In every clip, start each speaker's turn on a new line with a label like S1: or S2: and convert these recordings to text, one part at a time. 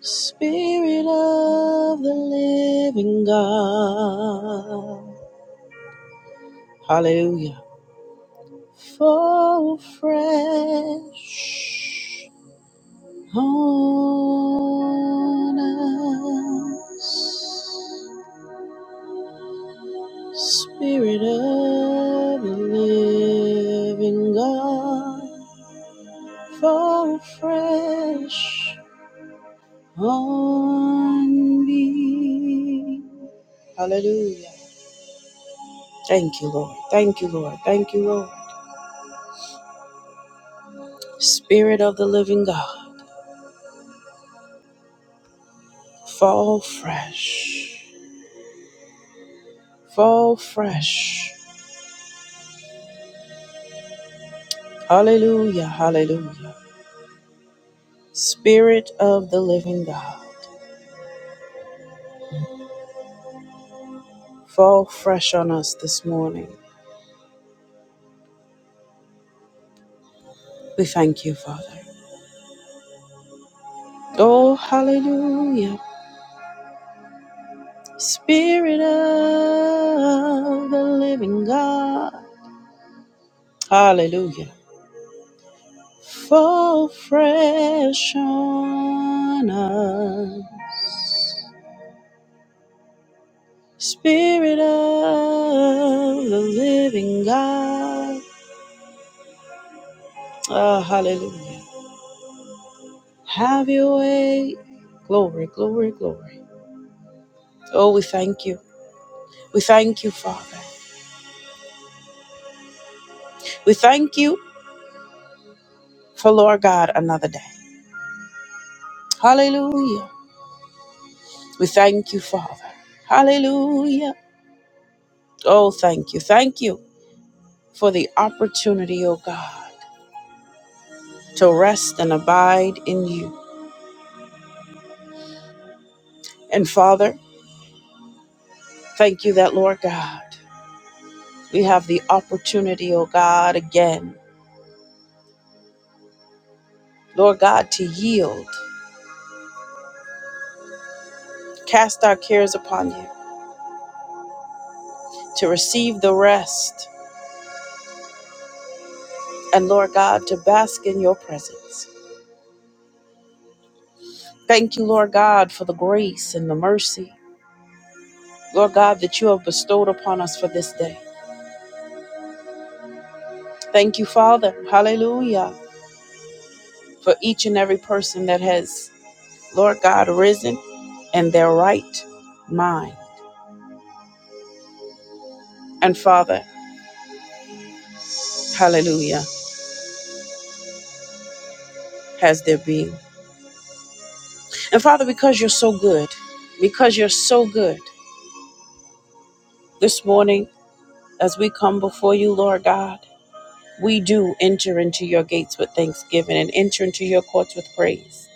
S1: Spirit of the living God. Hallelujah. Fall fresh on us. Spirit of the living God. Fall fresh on me. Hallelujah. Thank you, Lord. Thank you, Lord. Thank you, Lord. Spirit of the living God, fall fresh. Fall fresh. Hallelujah. Hallelujah. Spirit of the living God, fall fresh on us this morning. We thank you, Father. Oh, hallelujah. Spirit of the living God. Hallelujah. Fall fresh on us. Spirit of the living God. Ah, hallelujah. Have your way. Glory, glory, glory. Oh, we thank you. We thank you, Father. We thank you for Lord God another day. Hallelujah. We thank you, Father. Hallelujah. Oh, thank you. Thank you for the opportunity, oh God, to rest and abide in you. And Father, thank you that, Lord God. We have the opportunity, O God, again, Lord God, to yield, cast our cares upon you, to receive the rest, and Lord God, to bask in your presence. Thank you, Lord God, for the grace and the mercy, Lord God, that you have bestowed upon us for this day. Thank you, Father, hallelujah, for each and every person that has, Lord God, risen in their right mind. And Father, hallelujah, has their being. And Father, because you're so good, because you're so good, this morning, as we come before you, Lord God, we do enter into your gates with thanksgiving and enter into your courts with praise.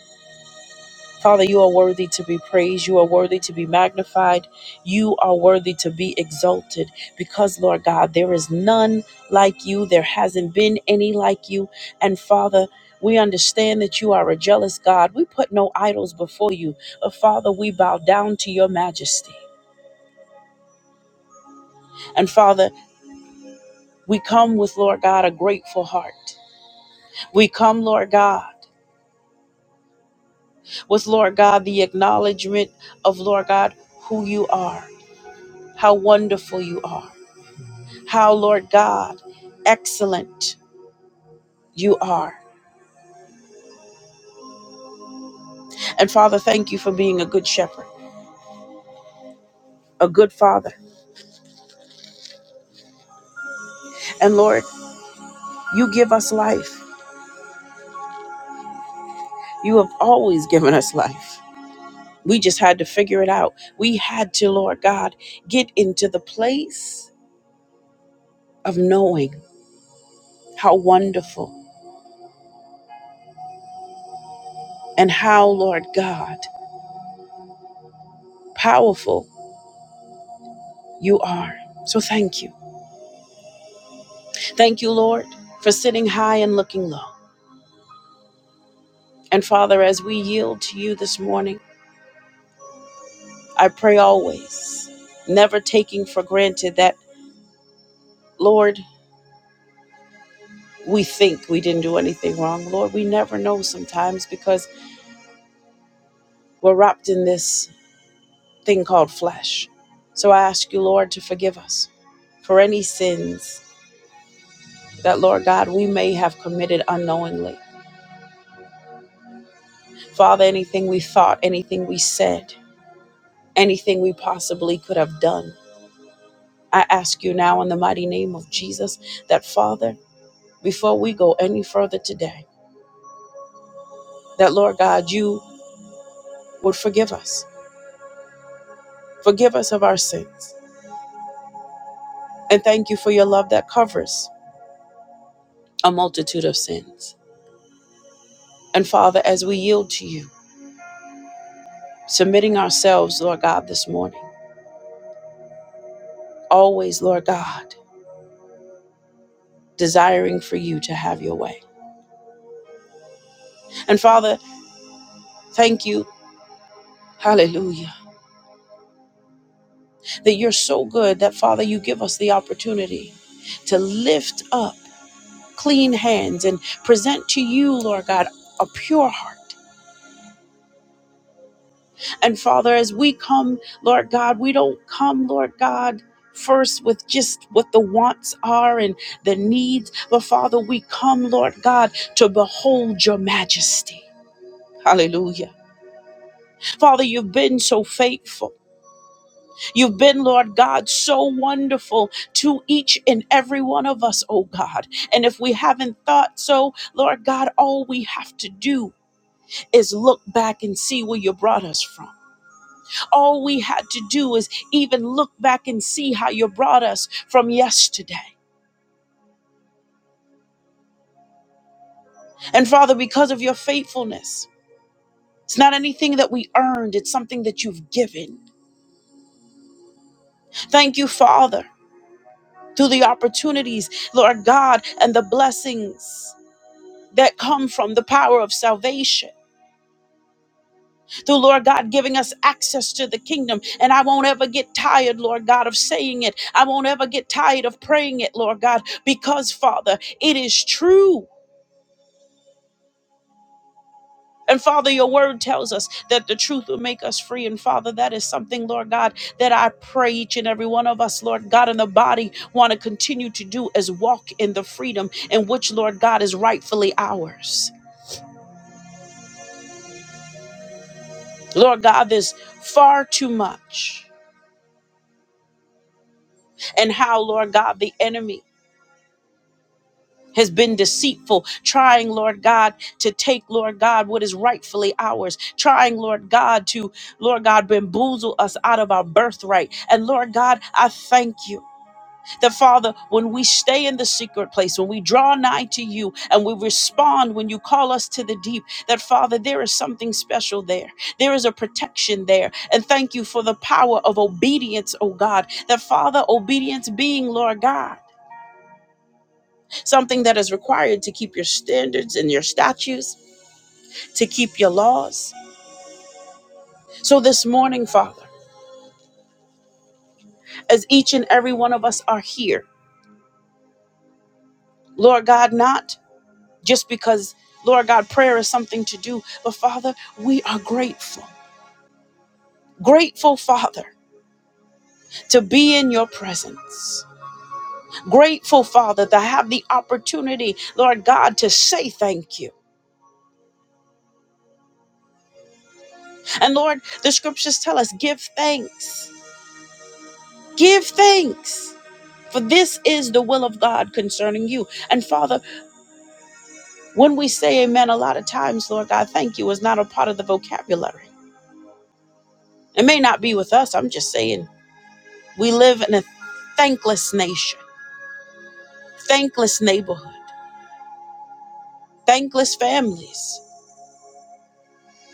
S1: Father, you are worthy to be praised. You are worthy to be magnified. You are worthy to be exalted because, Lord God, there is none like you. There hasn't been any like you. And Father, we understand that you are a jealous God. We put no idols before you, but Father, we bow down to your majesty. And Father, we come with, Lord God, a grateful heart. We come, Lord God, with, Lord God, the acknowledgement of, Lord God, who you are, how wonderful you are, how, Lord God, excellent you are. And Father, thank you for being a good shepherd, a good father. And Lord, you give us life. You have always given us life. We just had to figure it out. We had to, Lord God, get into the place of knowing how wonderful and how, Lord God, powerful you are. So thank you. Thank you, Lord, for sitting high and looking low. And Father, as we yield to you this morning, I pray always, never taking for granted that, Lord, we think we didn't do anything wrong. Lord, we never know sometimes because we're wrapped in this thing called flesh. So I ask you, Lord, to forgive us for any sins that, Lord God, we may have committed unknowingly. Father, anything we thought, anything we said, anything we possibly could have done, I ask you now in the mighty name of Jesus that, Father, before we go any further today, that, Lord God, you would forgive us. Forgive us of our sins. And thank you for your love that covers a multitude of sins. And Father, as we yield to you, submitting ourselves, Lord God, this morning, always, Lord God, desiring for you to have your way. And Father, thank you. Hallelujah that you're so good that, Father, you give us the opportunity to lift up clean hands and present to you, Lord God, a pure heart. And Father, as we come, Lord God, we don't come, Lord God. First, with just what the wants are and the needs. But Father, we come, Lord God, to behold your majesty. Hallelujah. Father, you've been so faithful. You've been, Lord God, so wonderful to each and every one of us, oh God. And if we haven't thought so, Lord God, all we have to do is look back and see where you brought us from. All we had to do is even look back and see how you brought us from yesterday. And Father, because of your faithfulness, it's not anything that we earned, it's something that you've given. Thank you, Father, through the opportunities, Lord God, and the blessings. that come from the power of salvation. The Lord God giving us access to the kingdom. And I won't ever get tired, Lord God, of saying it. I won't ever get tired of praying it, Lord God, because, Father, it is true. And Father, your word tells us that the truth will make us free. And Father, that is something, Lord God, that I pray each and every one of us, Lord God, in the body want to continue to do is walk in the freedom in which, Lord God, is rightfully ours. Lord God, there's far too much. and how, Lord God, the enemy has been deceitful, trying, Lord God, to take, Lord God, what is rightfully ours, trying, Lord God, to, Lord God, bamboozle us out of our birthright. And Lord God, I thank you that, Father, when we stay in the secret place, when we draw nigh to you and we respond when you call us to the deep, that, Father, there is something special there. There is a protection there. And thank you for the power of obedience, oh God, that, Father, obedience being, Lord God. something that is required to keep your standards and your statutes, to keep your laws. So this morning, Father, as each and every one of us are here, Lord God, not just because, Lord God, prayer is something to do, but Father, we are grateful. Grateful, Father, to be in your presence. Grateful, Father, to have the opportunity, Lord God, to say thank you. And Lord, the scriptures tell us give thanks. Give thanks. For this is the will of God concerning you. And Father, when we say amen, a lot of times, Lord God, thank you is not a part of the vocabulary. It may not be with us. I'm just saying we live in a thankless nation, thankless neighborhood, thankless families.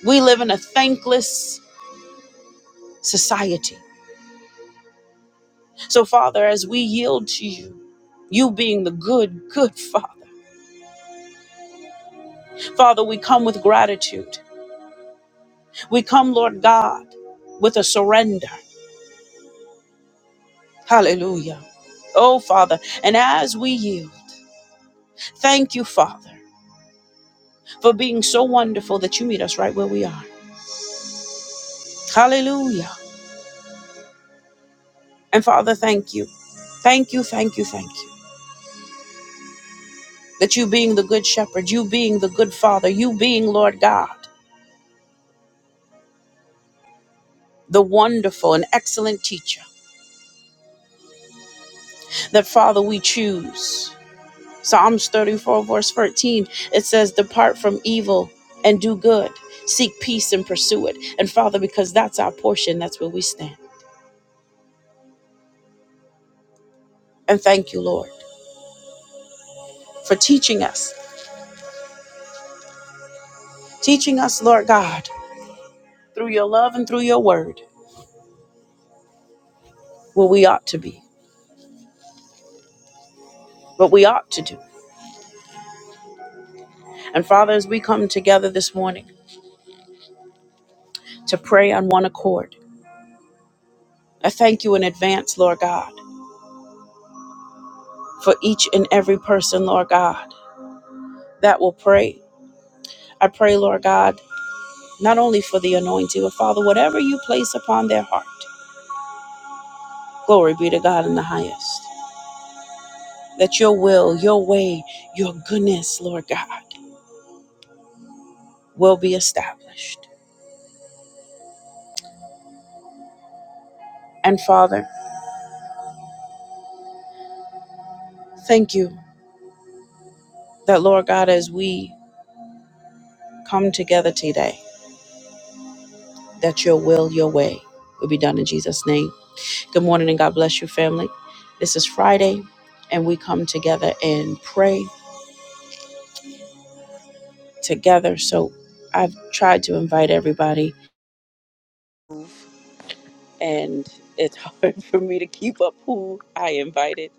S1: We live in a thankless society. So, Father, as we yield to you, you being the good, good Father, Father, we come with gratitude. We come, Lord God, with a surrender. Hallelujah. Oh, Father. And as we yield, thank you, Father, for being so wonderful that you meet us right where we are. Hallelujah. And Father, thank you. Thank you, thank you, thank you. That you being the good shepherd, you being the good father, you being Lord God, the wonderful and excellent teacher, that Father, we choose. Psalms 34, verse 13, it says, Depart from evil and do good, seek peace and pursue it. And Father, because that's our portion, that's where we stand. And thank you, Lord, for teaching us, teaching us, Lord God, through your love and through your word, what we ought to be, what we ought to do. And Father, as we come together this morning to pray on one accord, I thank you in advance, Lord God, for each and every person, Lord God, that will pray. I pray, Lord God, not only for the anointing, but Father, whatever you place upon their heart, glory be to God in the highest, that your will, your way, your goodness, Lord God, will be established. And Father, thank you that, Lord God, as we come together today, that your will, your way will be done in Jesus' name. Good morning and God bless you, family. This is Friday, and we come together and pray together. So I've tried to invite everybody, and it's hard for me to keep up who I invited.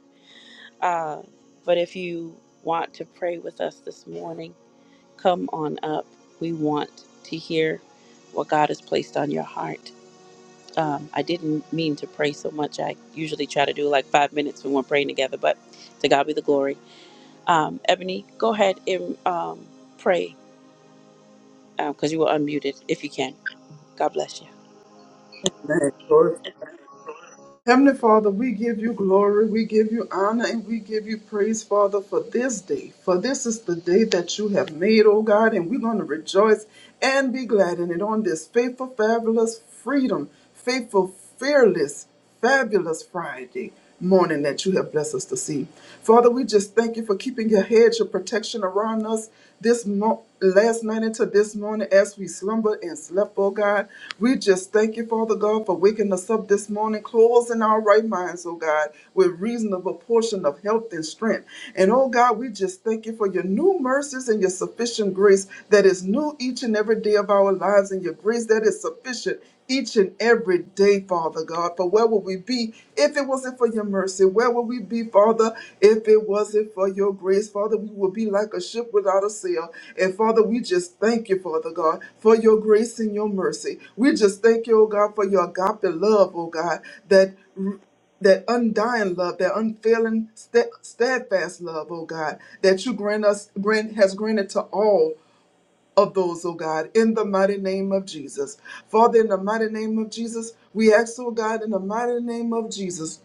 S1: Uh, but if you want to pray with us this morning, Come on up. We want to hear what God has placed on your heart. Um, I didn't mean to pray so much. I usually try to do like five minutes when we're praying together, but to God be the glory. Um, Ebony, go ahead and um, pray because you were unmuted if you can. God bless you.
S2: and glory. Heavenly Father, we give you glory, we give you honor, and we give you praise, Father, for this day. For this is the day that you have made, O God, and we're going to rejoice and be glad in it on this faithful, fabulous freedom, faithful, fearless, fabulous Friday morning that you have blessed us to see. Father, we just thank you for keeping your hedge of protection around us this mo- last night into this morning as we slumbered and slept, oh God. We just thank you, Father God, for waking us up this morning, closing our right minds, oh God, with reasonable portion of health and strength. And oh God, we just thank you for your new mercies and your sufficient grace that is new each and every day of our lives and your grace that is sufficient each and every day, Father God. For where would we be if it wasn't for your mercy? Where would we be, Father, if it wasn't for your grace? Father, we would be like a ship without a sail. And Father, we just thank you, Father God, for your grace and your mercy. We just thank you, oh God, for your agape love, oh God, that that undying love, that unfailing, sta- steadfast love, oh God, that you grant us, grant has granted to all, of those, oh God, in the mighty name of Jesus. Father, in the mighty name of Jesus, we ask, oh God, in the mighty name of Jesus,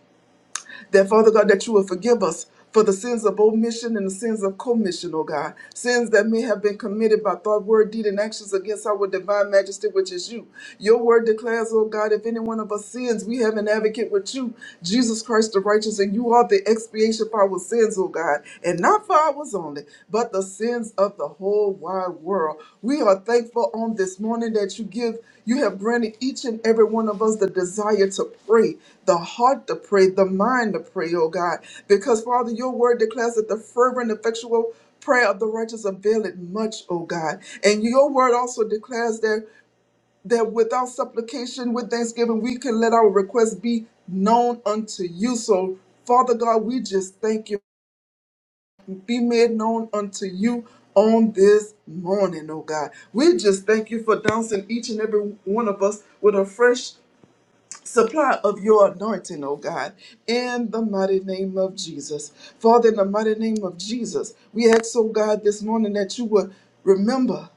S2: that Father God, that you will forgive us for the sins of omission and the sins of commission, oh God, sins that may have been committed by thought, word, deed, and actions against our divine majesty, which is you. Your word declares, oh God, if any one of us sins, we have an advocate with you, Jesus Christ the righteous, and you are the expiation for our sins, oh God, and not for ours only, but. God, the sins of the whole wide world. We are thankful on this morning that you give, you have granted each and every one of us the desire to pray, the heart to pray, the mind to pray, oh God. Because Father, your word declares that the fervent, effectual prayer of the righteous availeth much, oh God. And your word also declares that that without supplication, with thanksgiving, we can let our requests be known unto you. So Father God, we just thank you be made known unto you on this morning, oh God. We just thank you for dousing each and every one of us with a fresh supply of your anointing, oh God, in the mighty name of Jesus. Father, in the mighty name of Jesus, we ask, oh God, this morning that you would remember.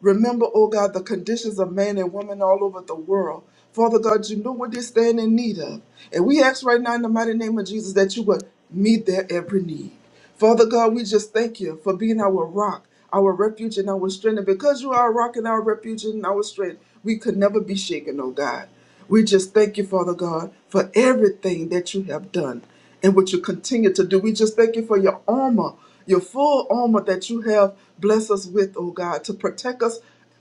S2: Remember, oh God, the conditions of man and woman all over the world. Father God, you know what they stand in need of. And we ask right now in the mighty name of Jesus that you would meet their every need. Father God, we just thank you for being our rock, our refuge, and our strength. And because you are our rock and our refuge and our strength, we could never be shaken, oh God. We just thank you, Father God, for everything that you have done and what you continue to do. We just thank you for your armor, your full armor that you have blessed us with, oh God, to protect us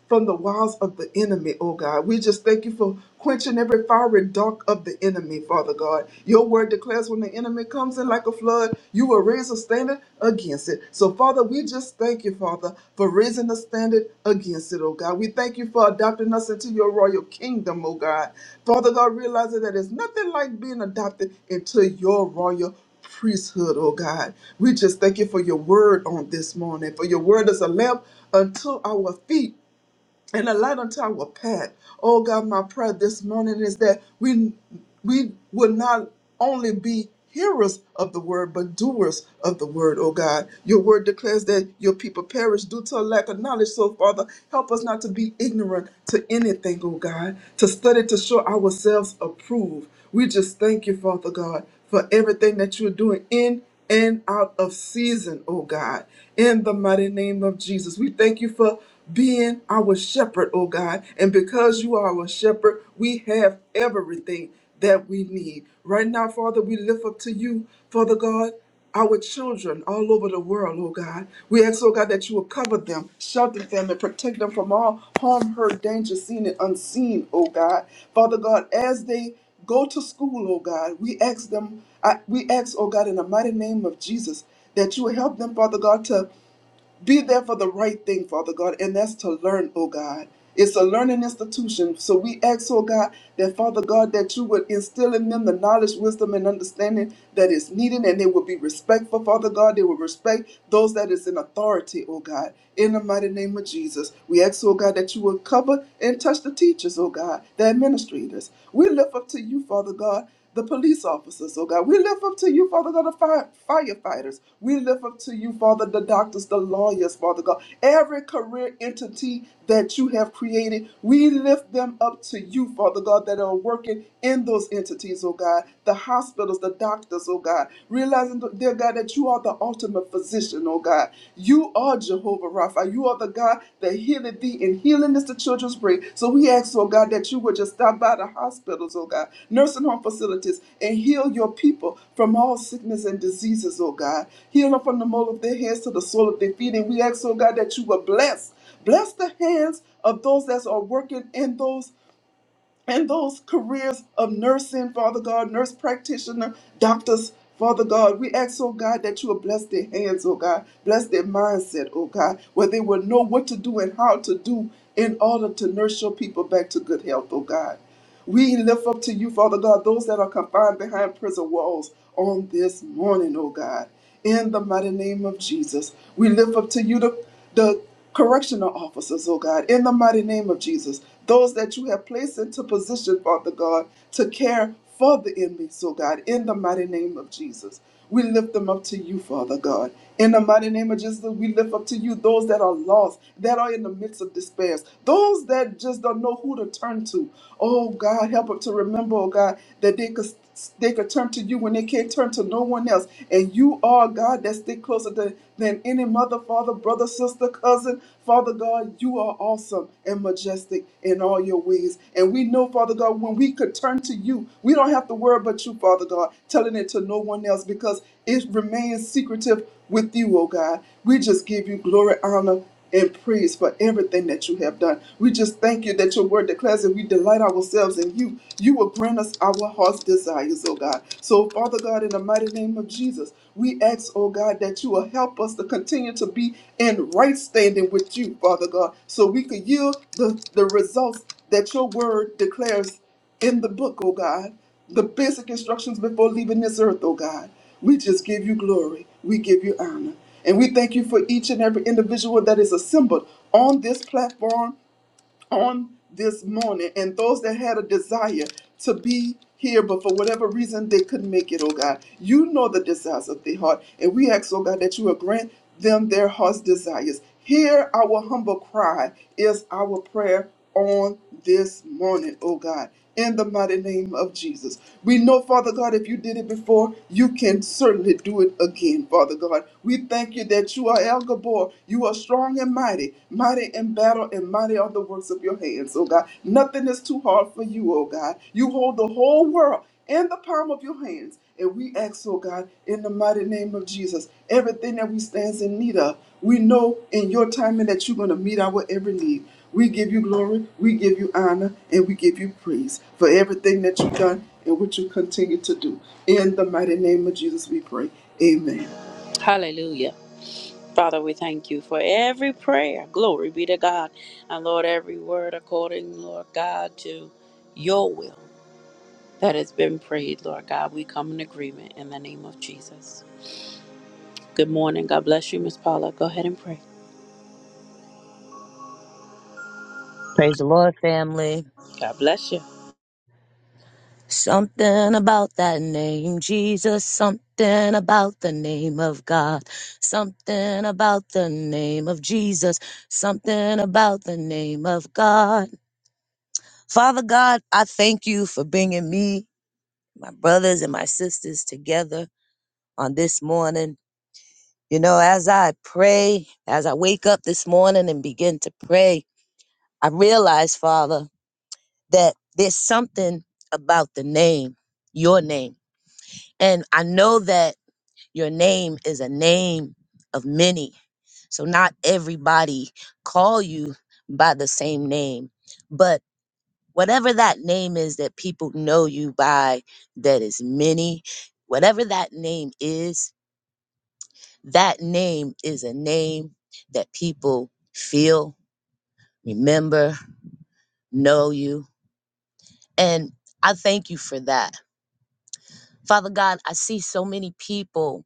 S2: from the wiles of the enemy, oh God. We just thank you for quenching every fiery dark of the enemy, Father God. Your word declares when the enemy comes in like a flood, you will raise a standard against it. So, Father, we just thank you, Father, for raising the standard against it, oh God. We thank you for adopting us into your royal kingdom, oh God. Father God, realizing that it's nothing like being adopted into your royal priesthood, oh God. We just thank you for your word on this morning, for your word is a lamp unto our feet and a light unto our path. Oh God, my prayer this morning is that we we will not only be hearers of the word, but doers of the word, oh God. Your word declares that your people perish due to a lack of knowledge. So, Father, help us not to be ignorant to anything, oh God, to study to show ourselves approved. We just thank you, Father God, for everything that you're doing in and out of season, oh God, in the mighty name of Jesus. We thank you for being our shepherd, oh God. And because you are our shepherd, we have everything that we need. Right now, Father, we lift up to you, Father God our children all over the world, oh God. We ask, oh God, that you will cover them, shelter them, and protect them from all harm, hurt, danger, seen and unseen, oh God. Father God, as they go to school, oh God, we ask them, I, we ask, oh God, in the mighty name of Jesus, that you will help them, Father God, to be there for the right thing, Father God, and that's to learn, oh God. It's a learning institution. So we ask, oh God, that Father God, that you would instill in them the knowledge, wisdom, and understanding that is needed, and they will be respectful, Father God. They will respect those that is in authority, oh God. In the mighty name of Jesus, we ask, oh God, that you will cover and touch the teachers, oh God, the administrators. We lift up to you, Father God the police officers, oh God. We lift up to you, Father God, the fire, firefighters. We lift up to you, Father, the doctors, the lawyers, Father God. Every career entity that you have created, we lift them up to you, Father God, that are working in those entities, oh God. The hospitals, the doctors, oh God. Realizing, dear God, that you are the ultimate physician, oh God. You are Jehovah Rapha. You are the God that healeth thee, and healing is the children's bread. So we ask, oh God, that you would just stop by the hospitals, oh God, nursing home facilities, and heal your people from all sickness and diseases, oh God. Heal them from the mole of their heads to the sole of their feet. And we ask, oh God, that you would bless. Bless the hands of those that are working and those and those careers of nursing, Father God, nurse practitioner, doctors, Father God. We ask, oh God, that you will bless their hands, oh God, bless their mindset, oh God, where they will know what to do and how to do in order to nurse your people back to good health, oh God. We lift up to you, Father God, those that are confined behind prison walls on this morning, oh God. In the mighty name of Jesus, we lift up to you the, the correctional officers, oh God. In the mighty name of Jesus, those that you have placed into position, Father God, to care for the enemies, oh God, in the mighty name of Jesus. We lift them up to you, Father God. In the mighty name of Jesus, we lift up to you those that are lost, that are in the midst of despairs, those that just don't know who to turn to. Oh God, help them to remember, oh God, that they could they could turn to you when they can't turn to no one else. And you are God that stick closer than, than any mother, father, brother, sister, cousin. Father God, you are awesome and majestic in all your ways. And we know, Father God, when we could turn to you, we don't have to worry about you, Father God, telling it to no one else because it remains secretive with you, oh God. We just give you glory, honor, and praise for everything that you have done. We just thank you that your word declares that we delight ourselves in you. You will grant us our heart's desires, oh God. So, Father God, in the mighty name of Jesus, we ask, oh God, that you will help us to continue to be in right standing with you, Father God, so we could yield the, the results that your word declares in the book, oh God, the basic instructions before leaving this earth, oh God. We just give you glory. We give you honor. And we thank you for each and every individual that is assembled on this platform on this morning and those that had a desire to be here, but for whatever reason they couldn't make it, oh God. You know the desires of their heart. And we ask, oh God, that you will grant them their heart's desires. Hear our humble cry is our prayer on this morning, oh God, in the mighty name of Jesus. We know, Father God, if you did it before, you can certainly do it again, Father God. We thank you that you are El Gabor. You are strong and mighty, mighty in battle, and mighty are the works of your hands, oh God. Nothing is too hard for you, oh God. You hold the whole world in the palm of your hands. And we ask, oh God, in the mighty name of Jesus, everything that we stands in need of, we know in your timing that you're going to meet our every need. We give you glory, we give you honor, and we give you praise for everything that you've done and what you continue to do. In the mighty name of Jesus, we pray. Amen.
S1: Hallelujah. Father, we thank you for every prayer. Glory be to God. And Lord, every word according, Lord God, to your will. that has been prayed, Lord God. We come in agreement in the name of Jesus. Good morning. God bless you, Miss Paula. Go ahead and pray.
S3: Praise the Lord, family.
S1: God bless you.
S3: Something about that name, Jesus. Something about the name of God. Something about the name of Jesus. Something about the name of God. Father God, I thank you for bringing me, my brothers, and my sisters together on this morning. You know, as I pray, as I wake up this morning and begin to pray, I realize, Father, that there's something about the name, your name. And I know that your name is a name of many. So not everybody call you by the same name, but whatever that name is that people know you by that is many, whatever that name is, that name is a name that people feel, remember, know you. And I thank you for that. Father God, I see so many people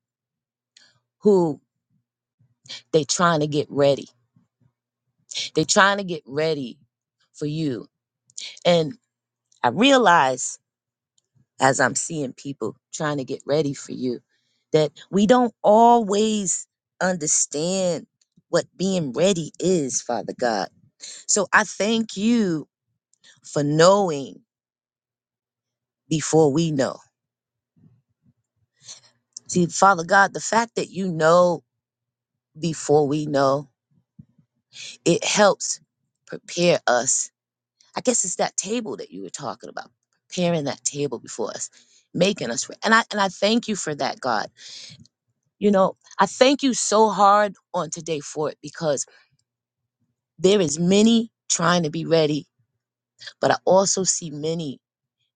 S3: who they trying to get ready They're trying to get ready for you. And I realize as I'm seeing people trying to get ready for you that we don't always understand what being ready is, Father God. So I thank you for knowing before we know. See, Father God, the fact that you know before we know, it helps prepare us I guess it's that table that you were talking about, preparing that table before us, making us re- and I and I thank you for that, God. You know, I thank you so hard on today for it because there is many trying to be ready, but I also see many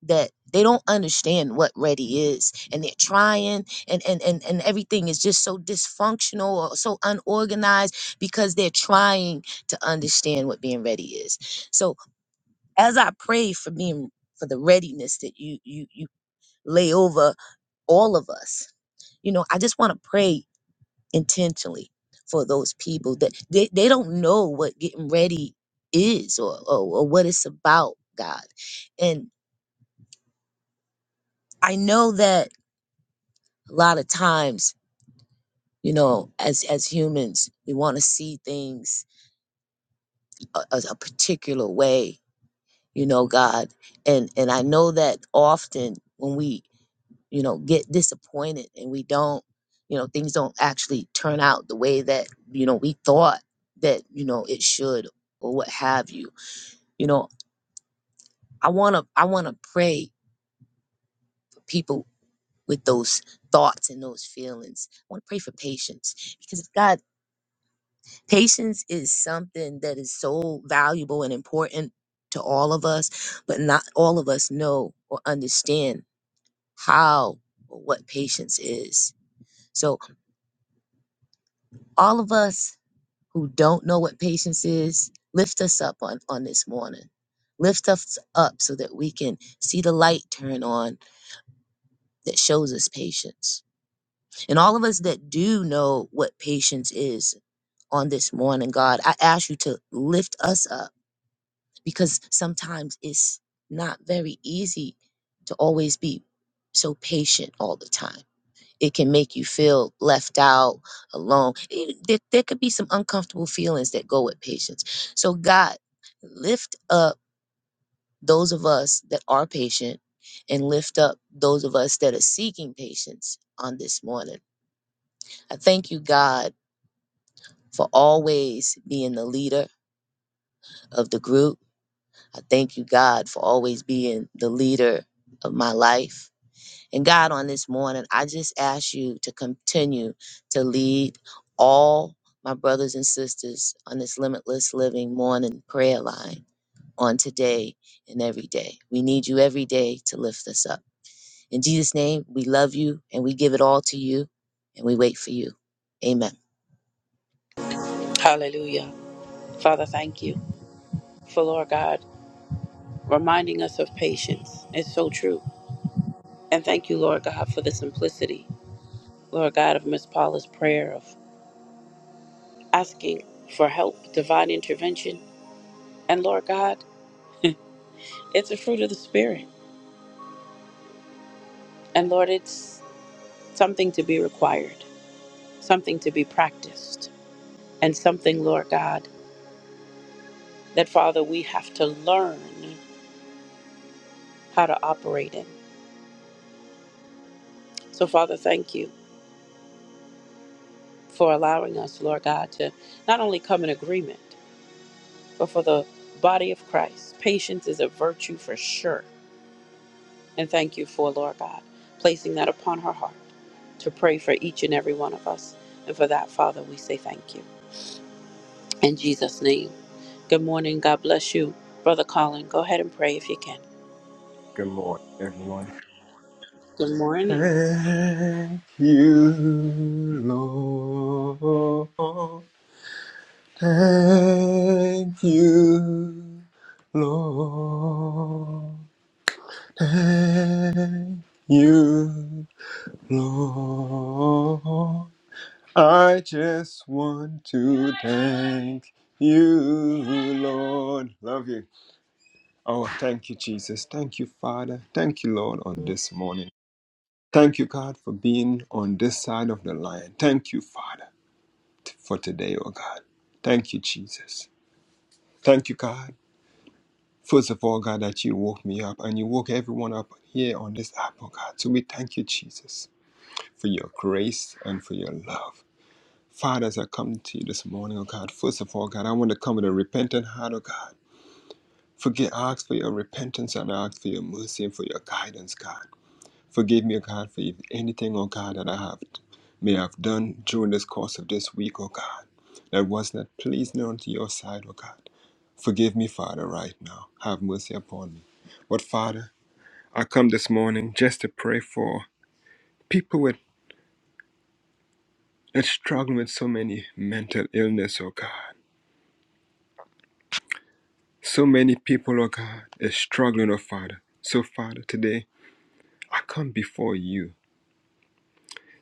S3: that they don't understand what ready is and they're trying and, and and and everything is just so dysfunctional or so unorganized because they're trying to understand what being ready is. So as I pray for being for the readiness that you you you lay over all of us, you know, I just want to pray intentionally for those people that they, they don't know what getting ready is or, or or what it's about, God. And I know that a lot of times, you know, as as humans, we want to see things a, a, a particular way, you know, God. And and I know that often when we you know, get disappointed and we don't, you know, things don't actually turn out the way that, you know, we thought that, you know, it should or what have you. You know, I want to I want to pray for people with those thoughts and those feelings. I want to pray for patience because God, patience is something that is so valuable and important to all of us, but not all of us know or understand how or what patience is. So all of us who don't know what patience is, lift us up on, on this morning. Lift us up so that we can see the light turn on that shows us patience. And all of us that do know what patience is on this morning, God, I ask you to lift us up because sometimes it's not very easy to always be so patient all the time. it can make you feel left out, alone. E- There, there could be some uncomfortable feelings that go with patience. So, God, lift up those of us that are patient and lift up those of us that are seeking patience on this morning. I thank you, God, for always being the leader of the group. I thank you, God, for always being the leader of my life. And God, on this morning, I just ask you to continue to lead all my brothers and sisters on this limitless living morning prayer line on today and every day. We need you every day to lift us up. In Jesus' name, we love you and we give it all to you and we wait for you. Amen.
S1: Hallelujah. Father, thank you for, Lord God, reminding us of patience. It's so true. And thank you, Lord God, for the simplicity, Lord God, of Miss Paula's prayer of asking for help, divine intervention. And Lord God, it's a fruit of the Spirit. And Lord, it's something to be required, something to be practiced, and something, Lord God, that, Father, we have to learn how to operate in. So, Father, thank you for allowing us, Lord God, to not only come in agreement, but for the body of Christ. Patience is a virtue for sure. And thank you for, Lord God, placing that upon her heart to pray for each and every one of us. And for that, Father, we say thank you. In Jesus' name. Good morning. God bless you. Brother Colin, go ahead and pray if you can.
S4: Good morning, everyone.
S1: Good morning.
S4: Thank you, Lord. Thank you, Lord. You, Lord. I just want to thank you, Lord. Love you. Oh, thank you, Jesus. Thank you, Father. Thank you, Lord, on this morning. Thank you, God, for being on this side of the line. Thank you, Father, t- for today, oh God. Thank you, Jesus. Thank you, God. First of all, God, that you woke me up and you woke everyone up here on this app, oh God. So we thank you, Jesus, for your grace and for your love. Father, as I come to you this morning, oh God, first of all, God, I want to come with a repentant heart, oh God. Forget, I ask for your repentance and I ask for your mercy and for your guidance, God. Forgive me, O God, for if anything, O God, that I have may have done during this course of this week, O God, that was not pleasing unto your side, O God. Forgive me, Father, right now. Have mercy upon me. But Father, I come this morning just to pray for people with that struggling with so many mental illness, oh God. So many people, oh God, is struggling, oh Father. So Father, today I come before you,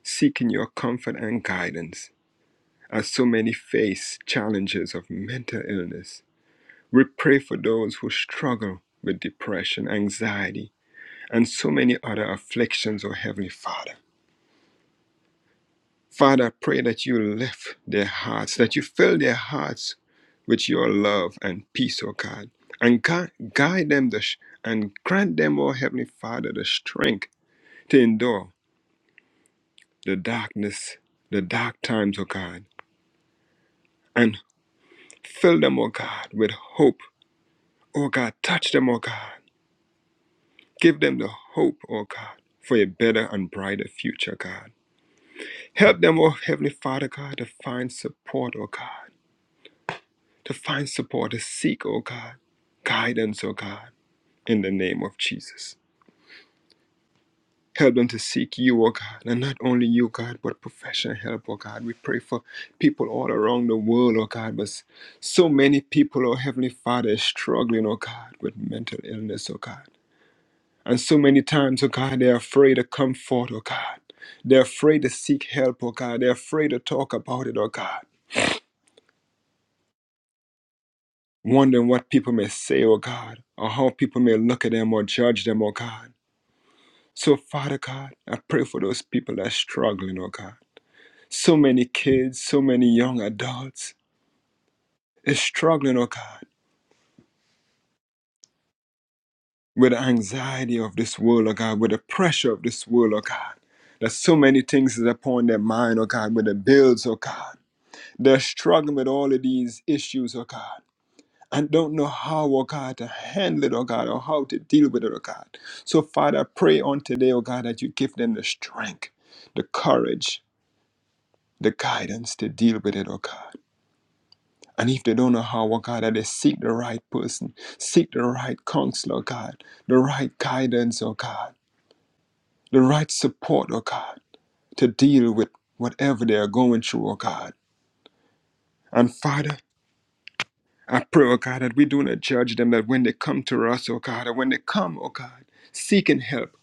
S4: seeking your comfort and guidance. as so many face challenges of mental illness. We pray for those who struggle with depression, anxiety, and so many other afflictions, O Heavenly Father. Father, I pray that you lift their hearts, that you fill their hearts with your love and peace, O God, and gui- guide them the sh- and grant them, O Heavenly Father, the strength to endure the darkness, the dark times, O God, and fill them, O God, with hope. O God, touch them, O God Give them the hope, oh God, for a better and brighter future, God. Help them, oh Heavenly Father, God, to find support, oh God, to find support, to seek, oh God, guidance, oh God, in the name of Jesus. Help them to seek you, oh God, and not only you, God, but professional help, oh God. We pray for people all around the world, oh God, but so many people, oh Heavenly Father, is struggling, oh God, with mental illness, oh God. And so many times, oh God, they're afraid to come forth, oh God. They're afraid to seek help, oh God. They're afraid to talk about it, oh God. Wondering what people may say, oh God, or how people may look at them or judge them, oh God. So, Father God, I pray for those people that's struggling, oh God. So many kids, so many young adults is struggling, oh God, with the anxiety of this world, oh God, with the pressure of this world, oh God. That so many things is upon their mind, oh God, with the bills, oh God They're struggling with all of these issues, oh God, and don't know how, oh God, to handle it, oh God, or how to deal with it, oh God. So, Father, I pray on today, oh God, that you give them the strength, the courage, the guidance to deal with it, oh God. And if they don't know how, oh God, that they seek the right person, seek the right counsel, oh God, the right guidance, oh God, the right support, oh God, to deal with whatever they are going through, oh God. And Father, I pray, oh God, that we do not judge them, that when they come to us, oh God, and when they come, oh God, seeking help,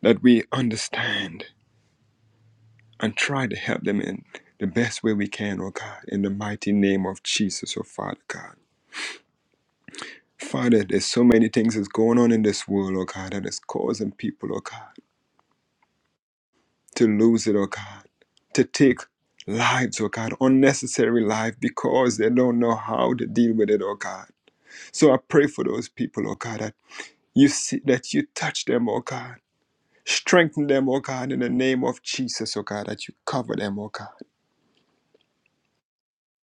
S4: that we understand and try to help them in the best way we can, oh God, in the mighty name of Jesus, oh Father God. Father, there's so many things that's going on in this world, oh God, that is causing people, oh God, to lose it, oh God, to take lives, oh God, unnecessary life because they don't know how to deal with it, oh God. So I pray for those people, oh God. you see that you touch them, oh God. Strengthen them, oh God, in the name of Jesus, oh God, that you cover them, oh God.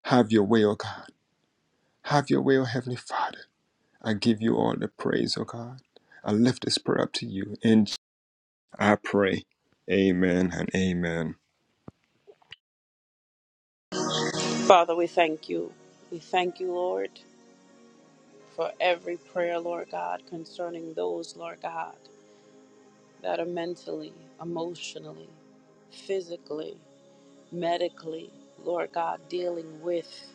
S4: Have your way, oh God. Have your way, oh Heavenly Father. I give you all the praise, oh God. I lift this prayer up to you. And I pray. Amen and amen.
S1: Father, we thank you. We thank you, Lord. for every prayer, Lord God, concerning those, Lord God, that are mentally, emotionally, physically, medically, Lord God, dealing with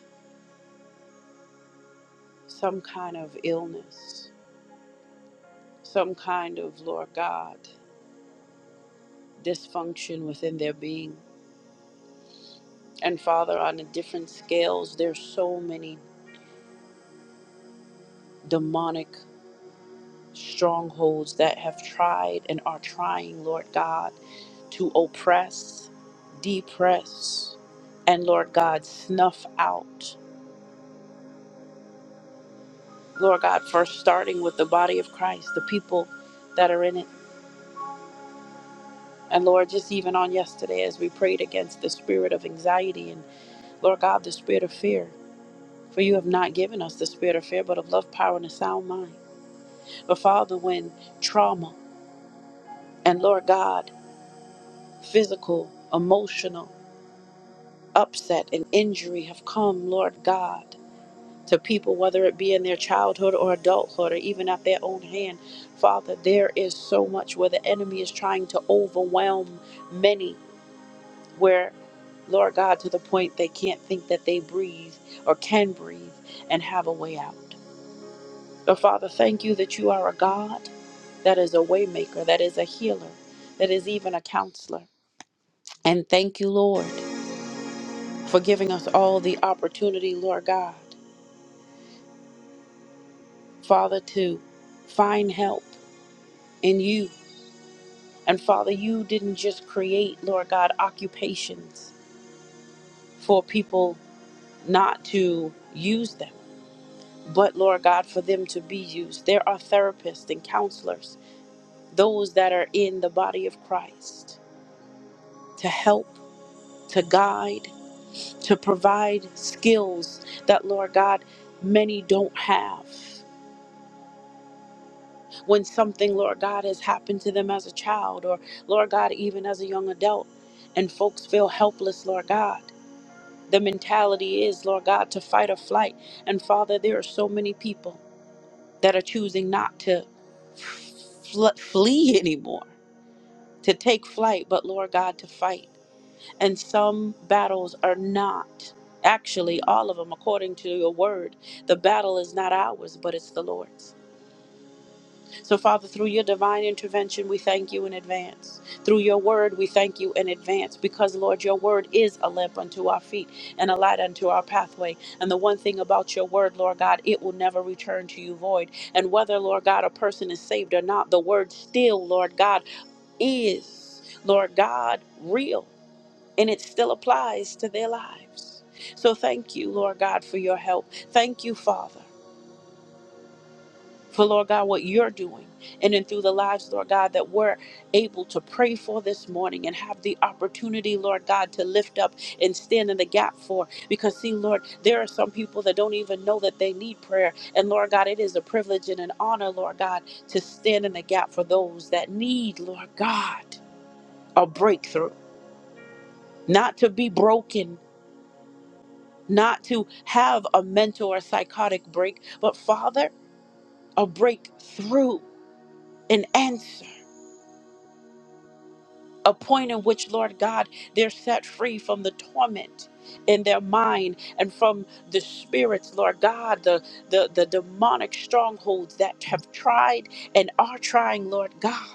S1: some kind of illness, some kind of, Lord God, dysfunction within their being. And Father, on the different scales, there's so many demonic strongholds that have tried and are trying, Lord God, to oppress, depress, and Lord God, snuff out. Lord God, first starting with the body of Christ, the people that are in it. And Lord, just even on yesterday, as we prayed against the spirit of anxiety and Lord God, the spirit of fear, for you have not given us the spirit of fear, but of love, power, and a sound mind. But Father, when trauma and Lord God, physical, emotional, upset and injury have come, Lord God, to people, whether it be in their childhood or adulthood or even at their own hand. Father, there is so much where the enemy is trying to overwhelm many, where, Lord God, to the point they can't think that they breathe or can breathe and have a way out. But Father, thank you that you are a God that is a waymaker, that is a healer, that is even a counselor. And thank you, Lord, for giving us all the opportunity, Lord God. Father, to find help in you. And Father, you didn't just create, Lord God, occupations for people not to use them, but Lord God, for them to be used. There are therapists and counselors, those that are in the body of Christ to help, to guide, to provide skills that, Lord God, many don't have. when something, Lord God, has happened to them as a child or, Lord God, even as a young adult, and folks feel helpless, Lord God. The mentality is, Lord God, to fight or flight. And Father, there are so many people that are choosing not to fl- flee anymore, to take flight, but Lord God, to fight. And some battles are not, actually, all of them, according to your word, the battle is not ours, but it's the Lord's. So, Father, through your divine intervention, we thank you in advance. Through your word, we thank you in advance because, Lord, your word is a lamp unto our feet and a light unto our pathway. And the one thing about your word, Lord God, it will never return to you void. And whether, Lord God, a person is saved or not, the word still, Lord God, is, Lord God, real and it still applies to their lives. So, thank you, Lord God, for your help. Thank you, Father for Lord God, what you're doing in and through the lives, Lord God, that we're able to pray for this morning and have the opportunity, Lord God, to lift up and stand in the gap for. Because, see, Lord, there are some people that don't even know that they need prayer. And, Lord God, it is a privilege and an honor, Lord God, to stand in the gap for those that need, Lord God, a breakthrough, not to be broken, not to have a mental or psychotic break, but, Father, a breakthrough, an answer a point in which, Lord God, they're set free from the torment in their mind and from the spirits, Lord God, the, the, the demonic strongholds that have tried and are trying, Lord God.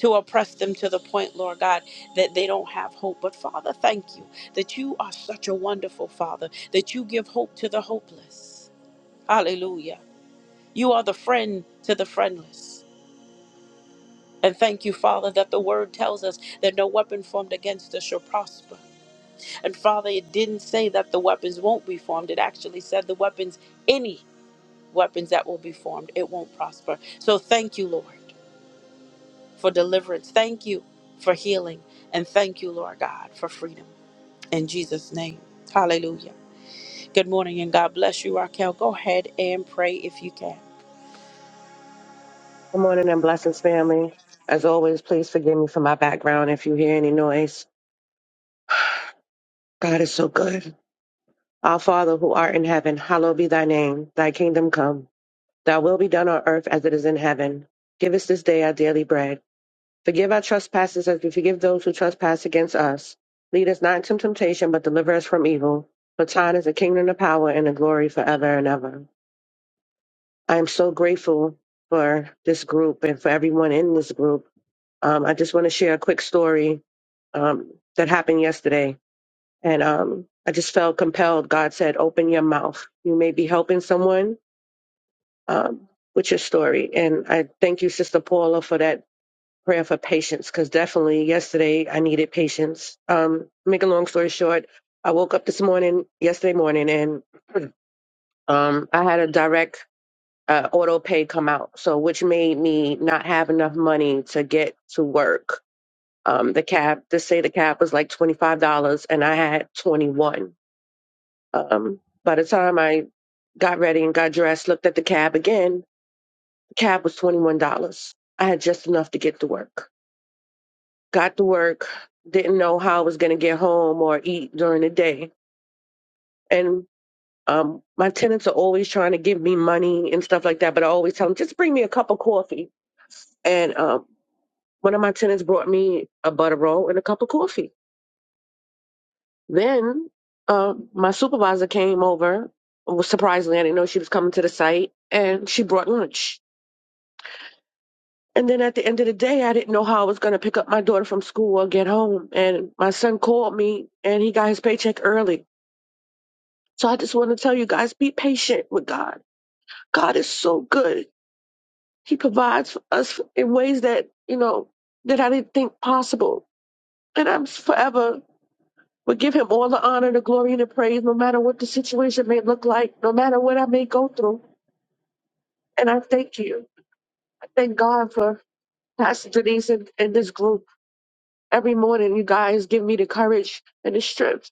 S1: To oppress them to the point, Lord God, that they don't have hope. But Father, thank you that you are such a wonderful Father, that you give hope to the hopeless. Hallelujah. You are the friend to the friendless. And thank you, Father, that the word tells us that no weapon formed against us shall prosper. And Father, it didn't say that the weapons won't be formed. It actually said the weapons, any weapons that will be formed, it won't prosper. So thank you, Lord, for deliverance. Thank you for healing. And thank you, Lord God, for freedom. In Jesus' name. Hallelujah. Good morning and God bless you, Raquel. Go ahead and pray if you can.
S5: Good morning and blessings, family. As always, please forgive me for my background if you hear any noise. God is so good. Our Father who art in heaven, hallowed be thy name. Thy kingdom come. Thy will be done on earth as it is in heaven. Give us this day our daily bread. Forgive our trespasses as we forgive those who trespass against us. Lead us not into temptation, but deliver us from evil. For thine is the kingdom, the power, and the glory forever and ever. I am so grateful for this group and for everyone in this group Um, I just want to share a quick story um, that happened yesterday. And um, I just felt compelled. God said, Open your mouth. You may be helping someone um, with your story. And I thank you, Sister Paula, for that prayer for patience, because definitely yesterday I needed patience. Um, make a long story short, I woke up this morning, yesterday morning, and um, I had a direct uh, auto pay come out. So, which made me not have enough money to get to work um, the cab to say the cab was like twenty five dollars, and I had twenty one. Um, by the time I got ready and got dressed, looked at the cab again. The cab was twenty one dollars. I had just enough to get to work. Got to work, didn't know how I was going to get home or eat during the day, and um, my tenants are always trying to give me money and stuff like that. But I always tell them, just bring me a cup of coffee. And um, one of my tenants brought me a butter roll and a cup of coffee. Then uh, my supervisor came over. Was surprisingly, I didn't know she was coming to the site, and she brought lunch. And then at the end of the day, I didn't know how I was going to pick up my daughter from school or get home. And my son called me, and he got his paycheck early. So I just want to tell you guys: be patient with God. God is so good. He provides for us in ways that you know that I didn't think possible. And I'm forever But give him all the honor, the glory, and the praise, no matter what the situation may look like, no matter what I may go through. And I thank you. I thank God for Pastor Denise and, and this group. Every morning, you guys give me the courage and the strength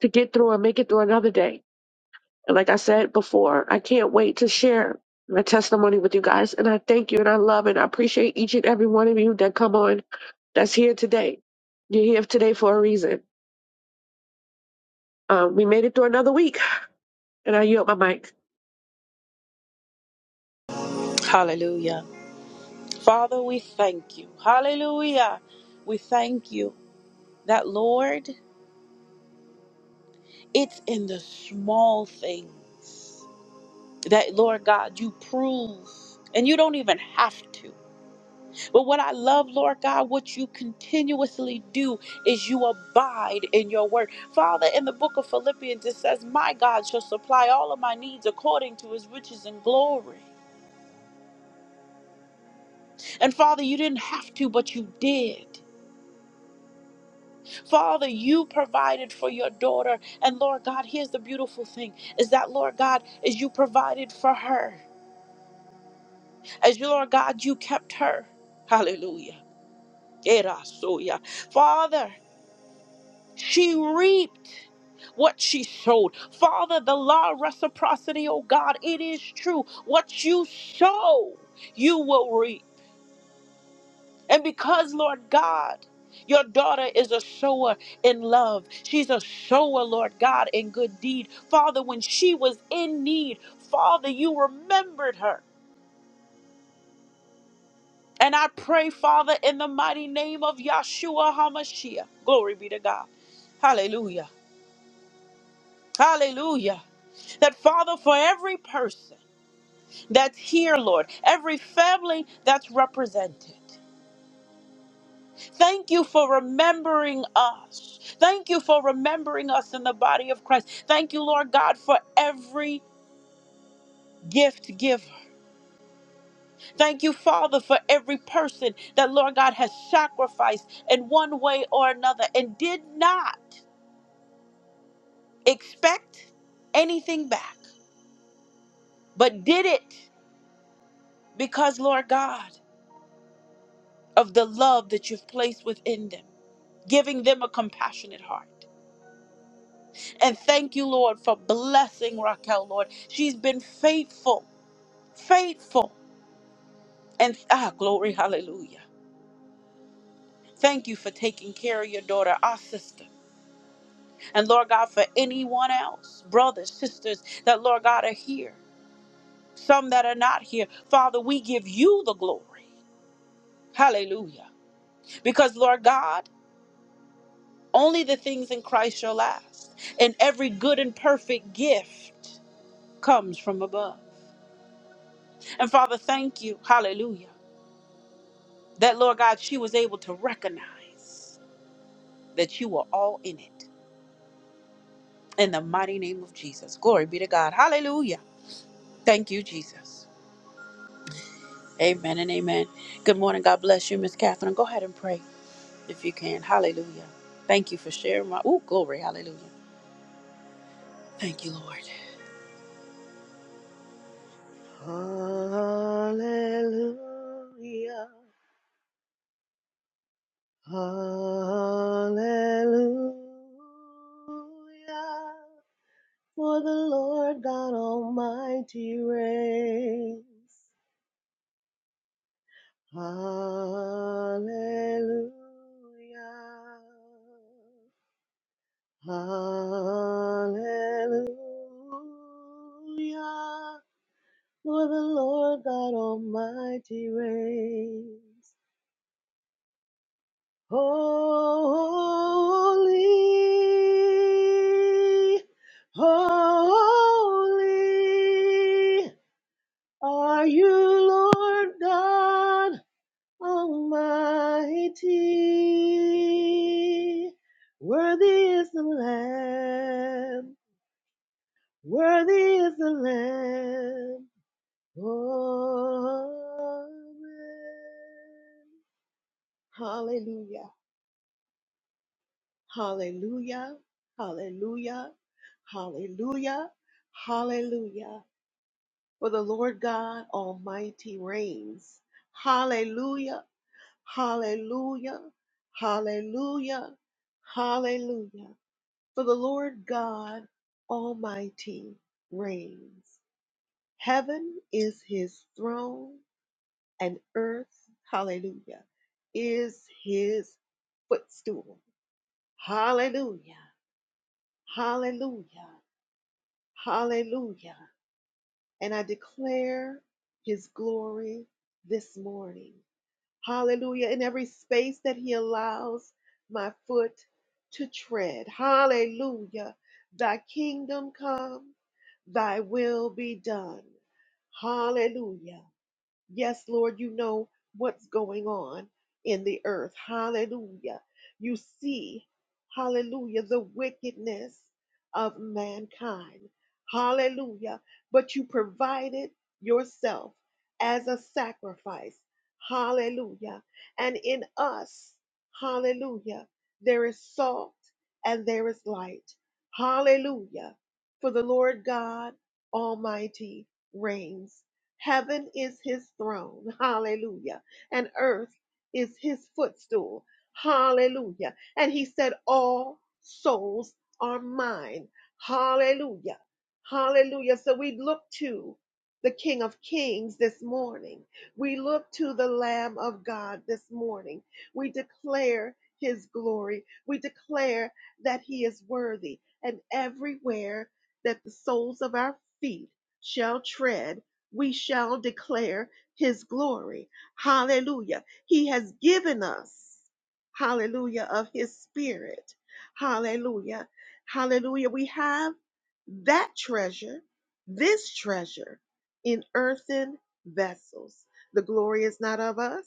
S5: to get through and make it through another day. And like I said before, I can't wait to share my testimony with you guys. And I thank you and I love and I appreciate each and every one of you that come on that's here today. You're here today for a reason. Um, we made it through another week, and I yield my mic.
S1: Hallelujah. Father, we thank you. Hallelujah. We thank you that, Lord. It's in the small things that, Lord God, you prove. And you don't even have to. But what I love, Lord God, what you continuously do is you abide in your word. Father, in the book of Philippians, it says, My God shall supply all of my needs according to his riches and glory. And Father, you didn't have to, but you did. Father, you provided for your daughter. And Lord God, here's the beautiful thing is that, Lord God, is you provided for her. As you, Lord God, you kept her. Hallelujah. Erasoya. Father, she reaped what she sowed. Father, the law of reciprocity, oh God, it is true. What you sow, you will reap. And because, Lord God, your daughter is a sower in love. She's a sower, Lord God, in good deed. Father, when she was in need, Father, you remembered her. And I pray, Father, in the mighty name of Yahshua HaMashiach. Glory be to God. Hallelujah. Hallelujah. That, Father, for every person that's here, Lord, every family that's represented, thank you for remembering us. Thank you for remembering us in the body of Christ. Thank you, Lord God, for every gift giver. Thank you, Father, for every person that, Lord God, has sacrificed in one way or another and did not. expect anything back, but did it because, Lord God, of the love that you've placed within them, giving them a compassionate heart. And thank you, Lord, for blessing Raquel, Lord. She's been faithful, faithful. And ah, glory, hallelujah. Thank you for taking care of your daughter, our sister. And Lord God, for anyone else, brothers, sisters that, Lord God, are here, some that are not here, Father, we give you the glory. Hallelujah. Because, Lord God, only the things in Christ shall last. And every good and perfect gift comes from above. And Father, thank you, hallelujah, that, Lord God, she was able to recognize that you were all in it. In the mighty name of Jesus. Glory be to God. Hallelujah. Thank you, Jesus. Amen and amen. Good morning. God bless you, Miss Catherine. Go ahead and pray if you can. Hallelujah. Thank you for sharing my. Oh, glory. Hallelujah. Thank you, Lord.
S6: Hallelujah. Hallelujah. For the Lord God Almighty reigns. Hallelujah. Hallelujah. For the Lord God Almighty reigns. Holy, holy are you, Lord God Almighty. Worthy is the Lamb, worthy is the Lamb. Amen. Hallelujah. Hallelujah, hallelujah, hallelujah, hallelujah. For the Lord God Almighty reigns. Hallelujah, hallelujah, hallelujah, hallelujah. For the Lord God Almighty reigns. Heaven is his throne and earth, hallelujah, is his footstool. Hallelujah, hallelujah, Hallelujah. And I declare his glory this morning. Hallelujah. In every space that he allows my foot to tread. Hallelujah. Thy kingdom come, thy will be done. Hallelujah. Yes, Lord, you know what's going on in the earth. Hallelujah. You see, hallelujah, the wickedness of mankind. Hallelujah. But you provided yourself as a sacrifice. Hallelujah. And in us, hallelujah, there is salt and there is light. Hallelujah. For the Lord God Almighty reigns. Heaven is his throne. Hallelujah. And earth is his footstool. Hallelujah. And he said, All souls are mine. Hallelujah. Hallelujah. So we look to the King of Kings this morning. We look to the Lamb of God this morning. We declare his glory. We declare that he is worthy. And everywhere that the soles of our feet shall tread, we shall declare his glory. Hallelujah. He has given us, hallelujah, of his spirit. Hallelujah. Hallelujah. We have that treasure, this treasure in earthen vessels. The glory is not of us,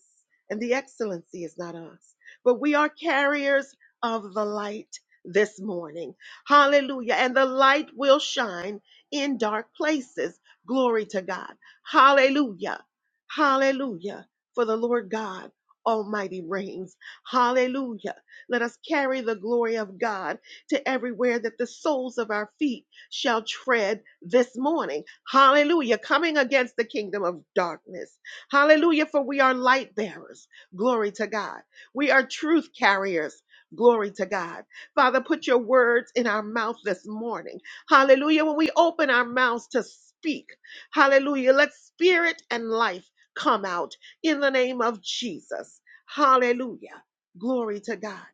S6: and the excellency is not us, but we are carriers of the light this morning. Hallelujah. And the light will shine in dark places Glory to God. Hallelujah. Hallelujah. For the Lord God Almighty reigns. Hallelujah. Let us carry the glory of God to everywhere that the soles of our feet shall tread this morning. Hallelujah. Coming against the kingdom of darkness. Hallelujah. For we are light bearers. Glory to God. We are truth carriers. Glory to God. Father, put your words in our mouth this morning. Hallelujah. When we open our mouths to speak, Hallelujah. Let spirit and life come out in the name of Jesus. Hallelujah. Glory to God.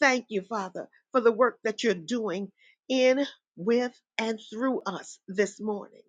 S6: Thank you, Father, for the work that you're doing in, with, and through us this morning.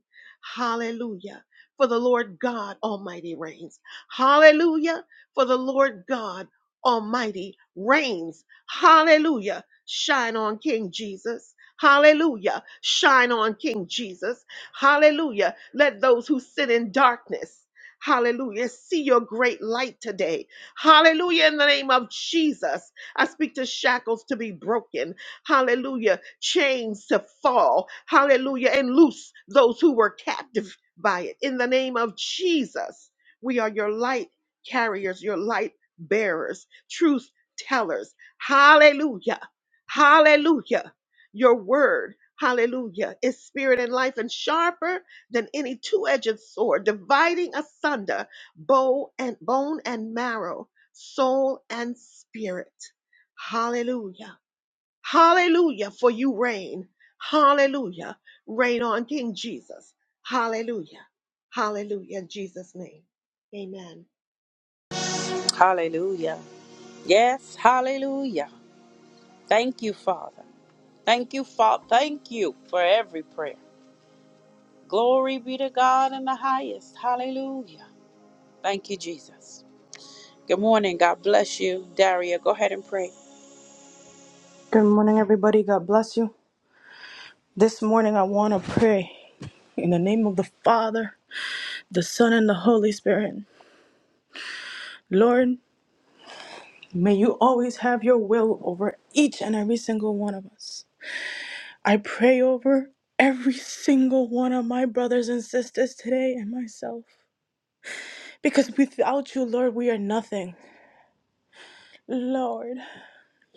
S6: Hallelujah. For the Lord God Almighty reigns. Hallelujah. For the Lord God Almighty reigns. Hallelujah. Shine on King Jesus. Hallelujah. Shine on King Jesus. Hallelujah. Let those who sit in darkness, hallelujah, see your great light today. Hallelujah. In the name of Jesus, I speak to shackles to be broken. Hallelujah. Chains to fall. Hallelujah. And loose those who were captive by it. In the name of Jesus, we are your light carriers, your light bearers, truth tellers. Hallelujah. Hallelujah. Your word, hallelujah, is spirit and life and sharper than any two-edged sword, dividing asunder bow and bone and marrow, soul and spirit. Hallelujah. Hallelujah, for you reign. Hallelujah. Reign on King Jesus. Hallelujah. Hallelujah. In Jesus' name. Amen.
S1: Hallelujah. Yes, hallelujah. Thank you, Father. Thank you, Father. Thank you for every prayer. Glory be to God in the highest. Hallelujah. Thank you, Jesus. Good morning. God bless you. Daria, go ahead and pray.
S7: Good morning, everybody. God bless you. This morning, I want to pray in the name of the Father, the Son, and the Holy Spirit. Lord, may you always have your will over each and every single one of us. I pray over every single one of my brothers and sisters today and myself. Because without you, Lord, we are nothing. Lord,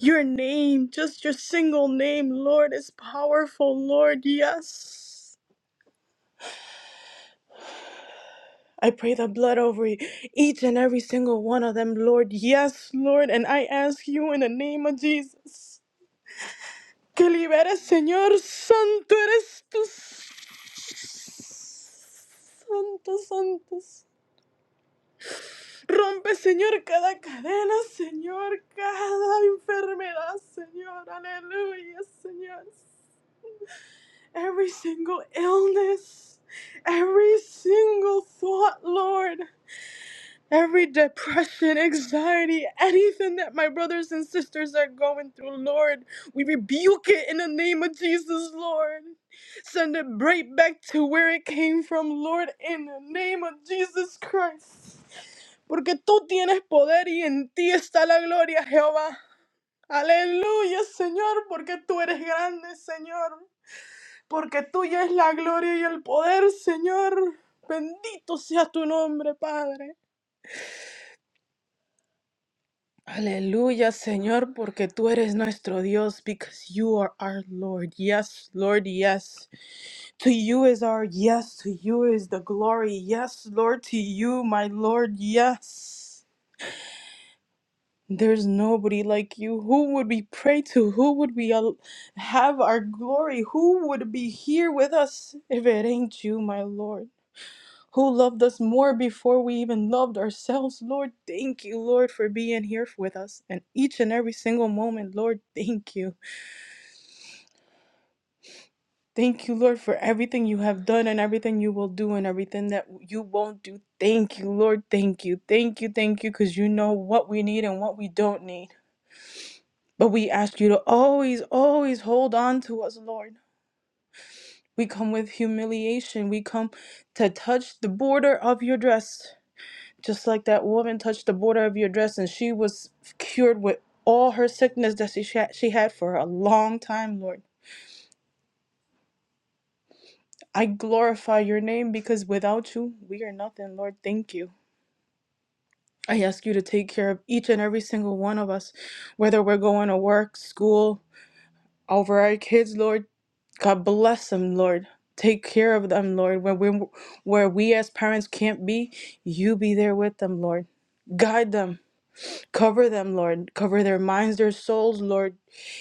S7: your name, just your single name, Lord, is powerful, Lord, yes. I pray the blood over e- each and every single one of them, Lord. Yes, Lord. And I ask you in the name of Jesus que liberes, Señor. Santo eres tú. Santo, santos. Rompe, Señor, cada cadena, Señor, cada enfermedad, Señor. Aleluya, Señor. Every single illness, every single thought, Lord. every depression, anxiety, anything that my brothers and sisters are going through, Lord. We rebuke it in the name of Jesus, Lord. Send it right back to where it came from, Lord, in the name of Jesus Christ. Porque tú tienes poder y en ti está la gloria, Jehová. Aleluya, Señor, porque tú eres grande, Señor. Porque tuya es la gloria y el poder, Señor. Bendito sea tu nombre, Padre. Hallelujah, Señor, porque tú eres nuestro Dios, because you are our Lord. Yes, Lord, yes. To you is our yes, to you is the glory. Yes, Lord, to you, my Lord, yes. There's nobody like you. Who would we pray to? Who would we al- have our glory? Who would be here with us if it ain't you, my Lord? who loved us more before we even loved ourselves. Lord, thank you, Lord, for being here with us and each and every single moment. Lord, thank you. Thank you, Lord, for everything you have done and everything you will do and everything that you won't do. Thank you, Lord. Thank you. Thank you. Thank you, because you know what we need and what we don't need. But we ask you to always, always hold on to us, Lord. We come with humiliation. We come to touch the border of your dress. Just like that woman touched the border of your dress and she was cured with all her sickness that she, sha- she had for a long time, Lord. I glorify your name because without you, we are nothing, Lord. Thank you. I ask you to take care of each and every single one of us, whether we're going to work, school, over our kids, Lord. God bless them, Lord. Take care of them, Lord. Where we, where we as parents can't be, you be there with them, Lord. Guide them Cover them, Lord. Cover their minds, their souls, Lord.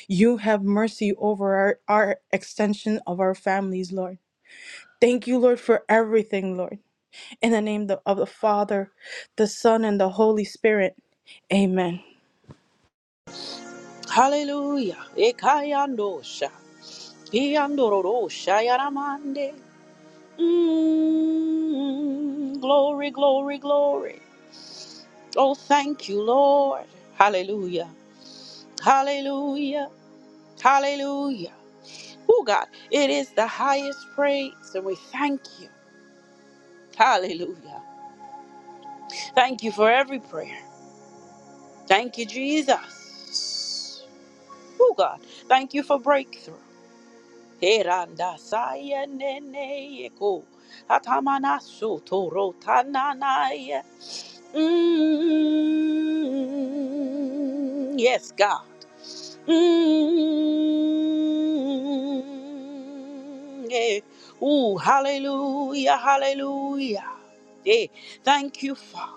S7: You have mercy over our, our extension of our families, Lord. Thank you, Lord, for everything, Lord. In the name the- of the Father, the Son, and the Holy Spirit. Amen.
S1: Hallelujah. Ekayandosha. Iyandororosha yaramande. Mm, glory, glory, glory. Oh, thank you, Lord. Hallelujah. Hallelujah. Hallelujah. Oh God, it is the highest praise, and we thank you. Hallelujah. Thank you for every prayer. Thank you, Jesus. Oh God, thank you for breakthrough. Heranda saya nene yeko. Atamana soto rotananaya. Mm, Yes, God. Mm, yeah. Ooh, hallelujah, hallelujah. Yeah. Thank you, Father.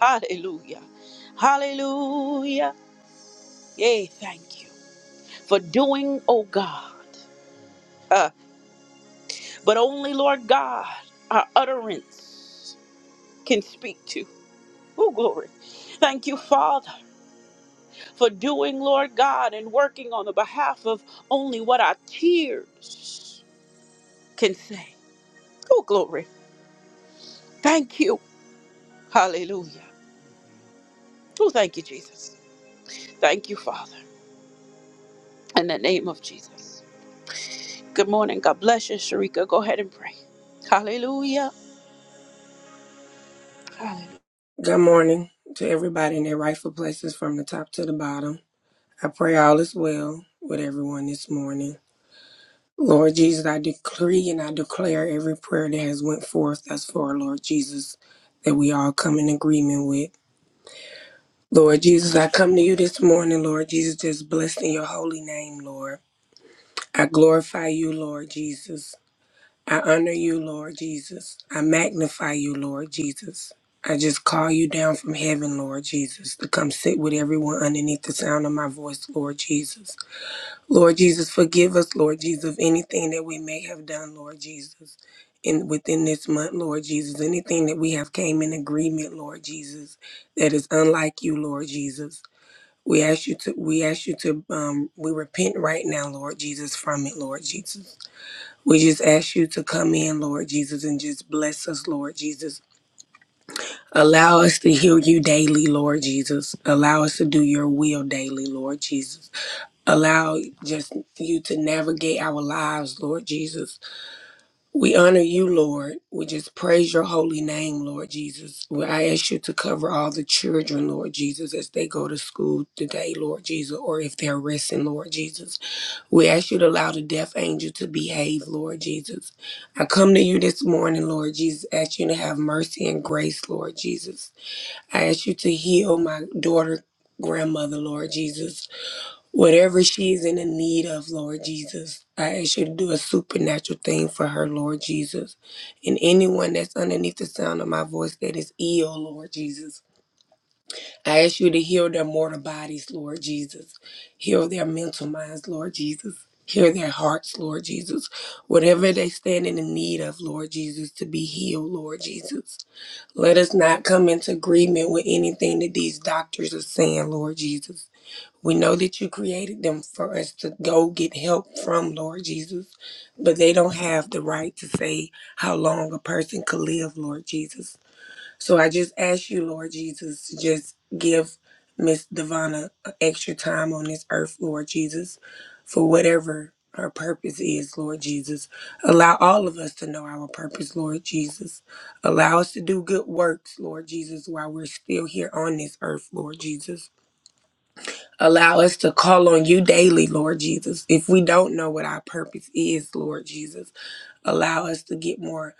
S1: Hallelujah. Hallelujah. Yeah, thank you for doing, oh God. Uh, but only, Lord God, our utterance can speak to. Oh, glory. Thank you, Father, for doing, Lord God, and working on the behalf of only what our tears can say. Oh, glory. Thank you. Hallelujah. Oh, thank you, Jesus. Thank you, Father. In the name of Jesus. Good morning. God bless you, Sharika. Go ahead and pray. Hallelujah. Hallelujah.
S8: Good morning to everybody in their rightful places from the top to the bottom. I pray all is well with everyone this morning. Lord Jesus, I decree and I declare every prayer that has went forth thus far, Lord Jesus, that we all come in agreement with. Lord Jesus, I come to you this morning, Lord Jesus, just blessed in your holy name, Lord. I glorify you, Lord Jesus. I honor you, Lord Jesus. I magnify you, Lord Jesus. I just call you down from heaven, Lord Jesus, to come sit with everyone underneath the sound of my voice, Lord Jesus. Lord Jesus, forgive us, Lord Jesus, of anything that we may have done, Lord Jesus, in within this month, Lord Jesus, anything that we have came in agreement, Lord Jesus, that is unlike you, Lord Jesus. We ask you to, we ask you to, um, we repent right now, Lord Jesus, from it, Lord Jesus. We just ask you to come in, Lord Jesus, and just bless us, Lord Jesus. Allow us to hear you daily, Lord Jesus. Allow us to do your will daily, Lord Jesus. Allow just you to navigate our lives, Lord Jesus. We honor you, Lord. We just praise your holy name, Lord Jesus. We- I ask you to cover all the children, Lord Jesus, as they go to school today, Lord Jesus, or if they're resting, Lord Jesus. We ask you to allow the deaf angel to behave, Lord Jesus. I come to you this morning, Lord Jesus, ask you to have mercy and grace, Lord Jesus. I ask you to heal my daughter, grandmother, Lord Jesus. Whatever she's in the need of, Lord Jesus, I ask you to do a supernatural thing for her, Lord Jesus. And anyone that's underneath the sound of my voice that is ill, Lord Jesus, I ask you to heal their mortal bodies, Lord Jesus. Heal their mental minds, Lord Jesus. Heal their hearts, Lord Jesus. Whatever they stand in the need of, Lord Jesus, to be healed, Lord Jesus. Let us not come into agreement with anything that these doctors are saying, Lord Jesus. We know that you created them for us to go get help from, Lord Jesus, but they don't have the right to say how long a person could live, Lord Jesus. So I just ask you, Lord Jesus, to just give Miss Devana extra time on this earth, Lord Jesus, for whatever her purpose is, Lord Jesus. Allow all of us to know our purpose, Lord Jesus. Allow us to do good works, Lord Jesus, while we're still here on this earth, Lord Jesus. Allow us to call on you daily, Lord Jesus. If we don't know what our purpose is, Lord Jesus, allow us to get more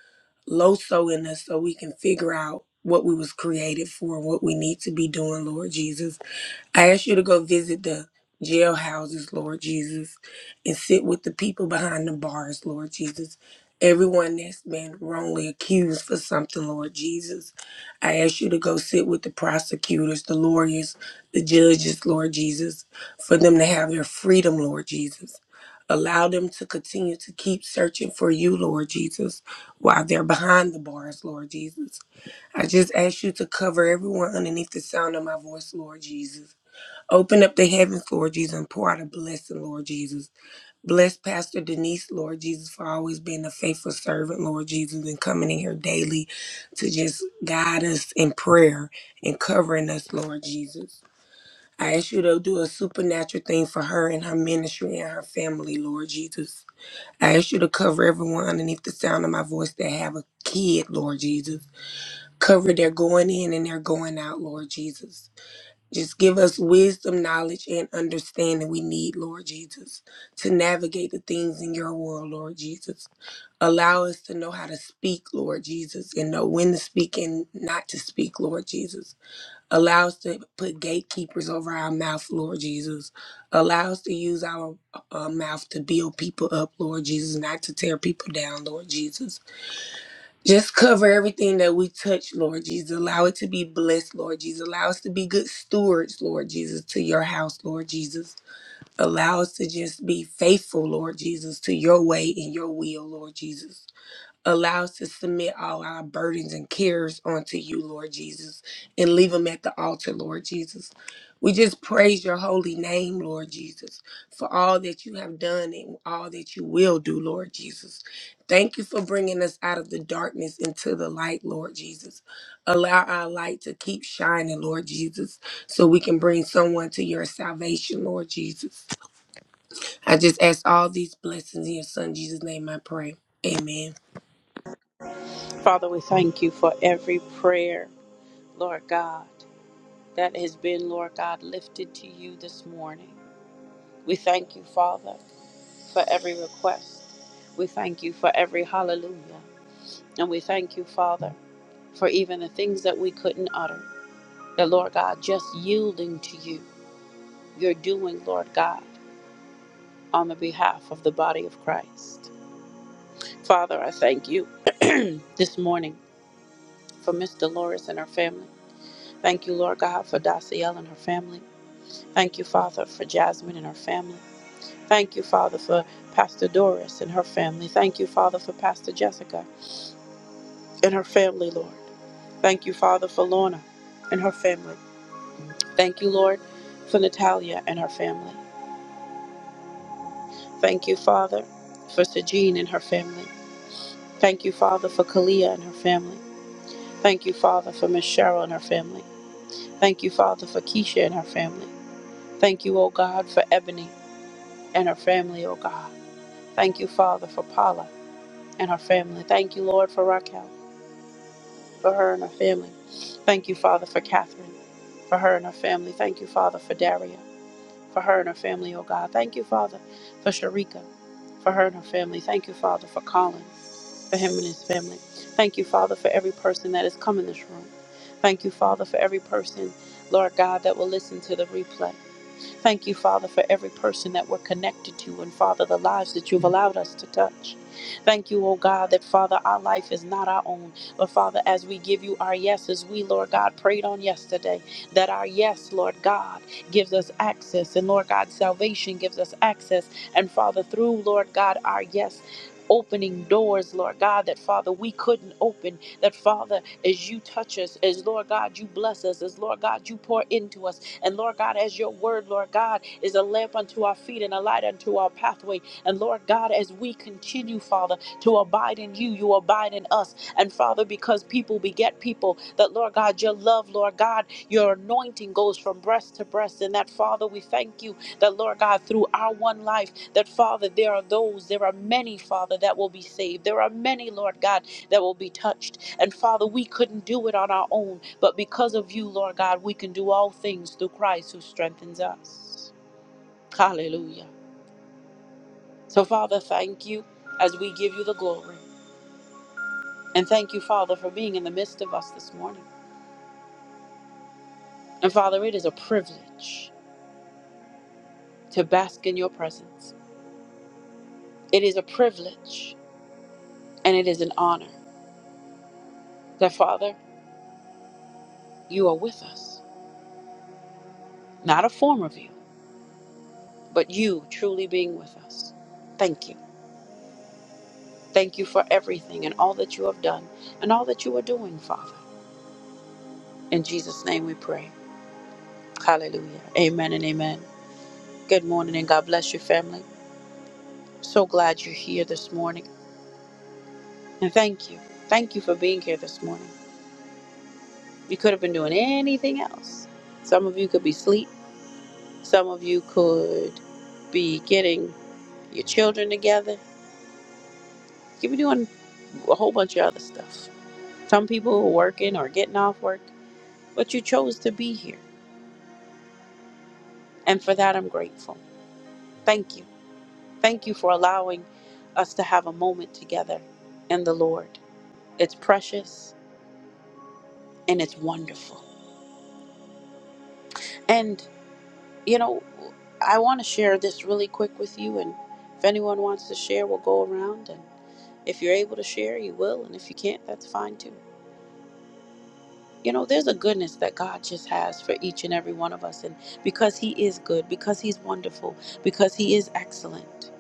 S8: loso in us so we can figure out what we was created for and what we need to be doing, Lord Jesus. I ask you to go visit the jail houses, Lord Jesus, and sit with the people behind the bars, Lord Jesus. Everyone that's been wrongly accused for something, Lord Jesus. I ask you to go sit with the prosecutors, the lawyers, the judges, Lord Jesus, for them to have their freedom, Lord Jesus. Allow them to continue to keep searching for you, Lord Jesus, while they're behind the bars, Lord Jesus. I just ask you to cover everyone underneath the sound of my voice, Lord Jesus. Open up the heavens, Lord Jesus, and pour out a blessing, Lord Jesus. Bless Pastor Denise, Lord Jesus, for always being a faithful servant, Lord Jesus, and coming in here daily to just guide us in prayer and covering us, Lord Jesus. I ask you to do a supernatural thing for her and her ministry and her family, Lord Jesus. I ask you to cover everyone underneath the sound of my voice that have a kid, Lord Jesus. Cover their going in and their going out, Lord Jesus. Just give us wisdom, knowledge, and understanding we need, Lord Jesus, to navigate the things in your world, Lord Jesus. Allow us to know how to speak, Lord Jesus, and know when to speak and not to speak, Lord Jesus. Allow us to put gatekeepers over our mouth, Lord Jesus. Allow us to use our uh, mouth to build people up, Lord Jesus, not to tear people down, Lord Jesus. Just cover everything that we touch, Lord Jesus. Allow it to be blessed, Lord Jesus. Allow us to be good stewards, Lord Jesus, to your house, Lord Jesus. Allow us to just be faithful, Lord Jesus, to your way and your will, Lord Jesus. Allow us to submit all our burdens and cares onto you, Lord Jesus, and leave them at the altar, Lord Jesus. We just praise your holy name, Lord Jesus, for all that you have done and all that you will do, Lord Jesus. Thank you for bringing us out of the darkness into the light, Lord Jesus. Allow our light to keep shining, Lord Jesus, so we can bring someone to your salvation, Lord Jesus. I just ask all these blessings in your son Jesus' name I pray. Amen.
S1: Father, we thank you for every prayer, Lord God, that has been, Lord God, lifted to you this morning. We thank you, Father, for every request. We thank you for every hallelujah. And we thank you, Father, for even the things that we couldn't utter. that Lord God, just yielding to you you're doing, Lord God, on the behalf of the body of Christ. Father, I thank you this morning for Miss Dolores and her family. Thank you, Lord God, for Daciel and her family. Thank you, Father, for Jasmine and her family. Thank you, Father, for Pastor Doris and her family. Thank you, Father, for Pastor Jessica and her family, Lord. Thank you, Father, for Lorna and her family. Thank you, Lord, for Natalia and her family. Thank you, Father, for Sejean and her family. Thank you, Father, for Kalia and her family. Thank you, Father, for Miss Cheryl and her family. Thank you, Father, for Keisha and her family. Thank you, O God, for Ebony and her family, O God. Thank you, Father, for Paula and her family. Thank you, Lord, for Raquel, for her and her family. Thank you, Father, for Catherine, for her and her family. Thank you, Father, for Daria, for her and her family, O God. Thank you, Father, for Sharika, for her and her family. Thank you, Father, for Colin. for him and his family. Thank you, Father, for every person that has come in this room. Thank you, Father, for every person, Lord God, that will listen to the replay thank you, Father, for every person that we're connected to and, Father, the lives that you've allowed us to touch. Thank you, oh God, that, Father, our life is not our own. But, Father, as we give you our yeses, we, Lord God, prayed on yesterday that our yes, Lord God, gives us access. And, Lord God, salvation gives us access. And, Father, through, Lord God, our yes, Opening doors, Lord God, that Father, we couldn't open. That Father, as you touch us, as Lord God, you bless us, as Lord God, you pour into us, and Lord God, as your word, Lord God, is a lamp unto our feet and a light unto our pathway. And Lord God, as we continue, Father, to abide in you, you abide in us. And Father, because people beget people, that Lord God, your love, Lord God, your anointing goes from breast to breast. And that Father, we thank you that Lord God, through our one life, that Father, there are those, there are many, Father, that will be saved. There are many, Lord God, that will be touched. And Father, we couldn't do it on our own, but because of you, Lord God, we can do all things through Christ who strengthens us. Hallelujah. So, Father, thank you as we give you the glory. And thank you, Father, for being in the midst of us this morning. And Father, it is a privilege to bask in your presence. It is a privilege and it is an honor that, Father, you are with us. Not a form of you, but you truly being with us. Thank you. Thank you for everything and all that you have done and all that you are doing, Father. In Jesus' name we pray. Hallelujah. Amen and amen. Good morning and God bless your family. So glad you're here this morning. And thank you. Thank you for being here this morning. You could have been doing anything else. Some of you could be asleep. Some of you could be getting your children together. You could be doing a whole bunch of other stuff. Some people are working or getting off work, but you chose to be here. And for that, I'm grateful. Thank you. Thank you for allowing us to have a moment together in the Lord. It's precious and it's wonderful. And, you know, I want to share this really quick with you. And if anyone wants to share, we'll go around. And if you're able to share, you will. And if you can't, that's fine too. You know, there's a goodness that God just has for each and every one of us. And because He is good, because He's wonderful, because He is excellent,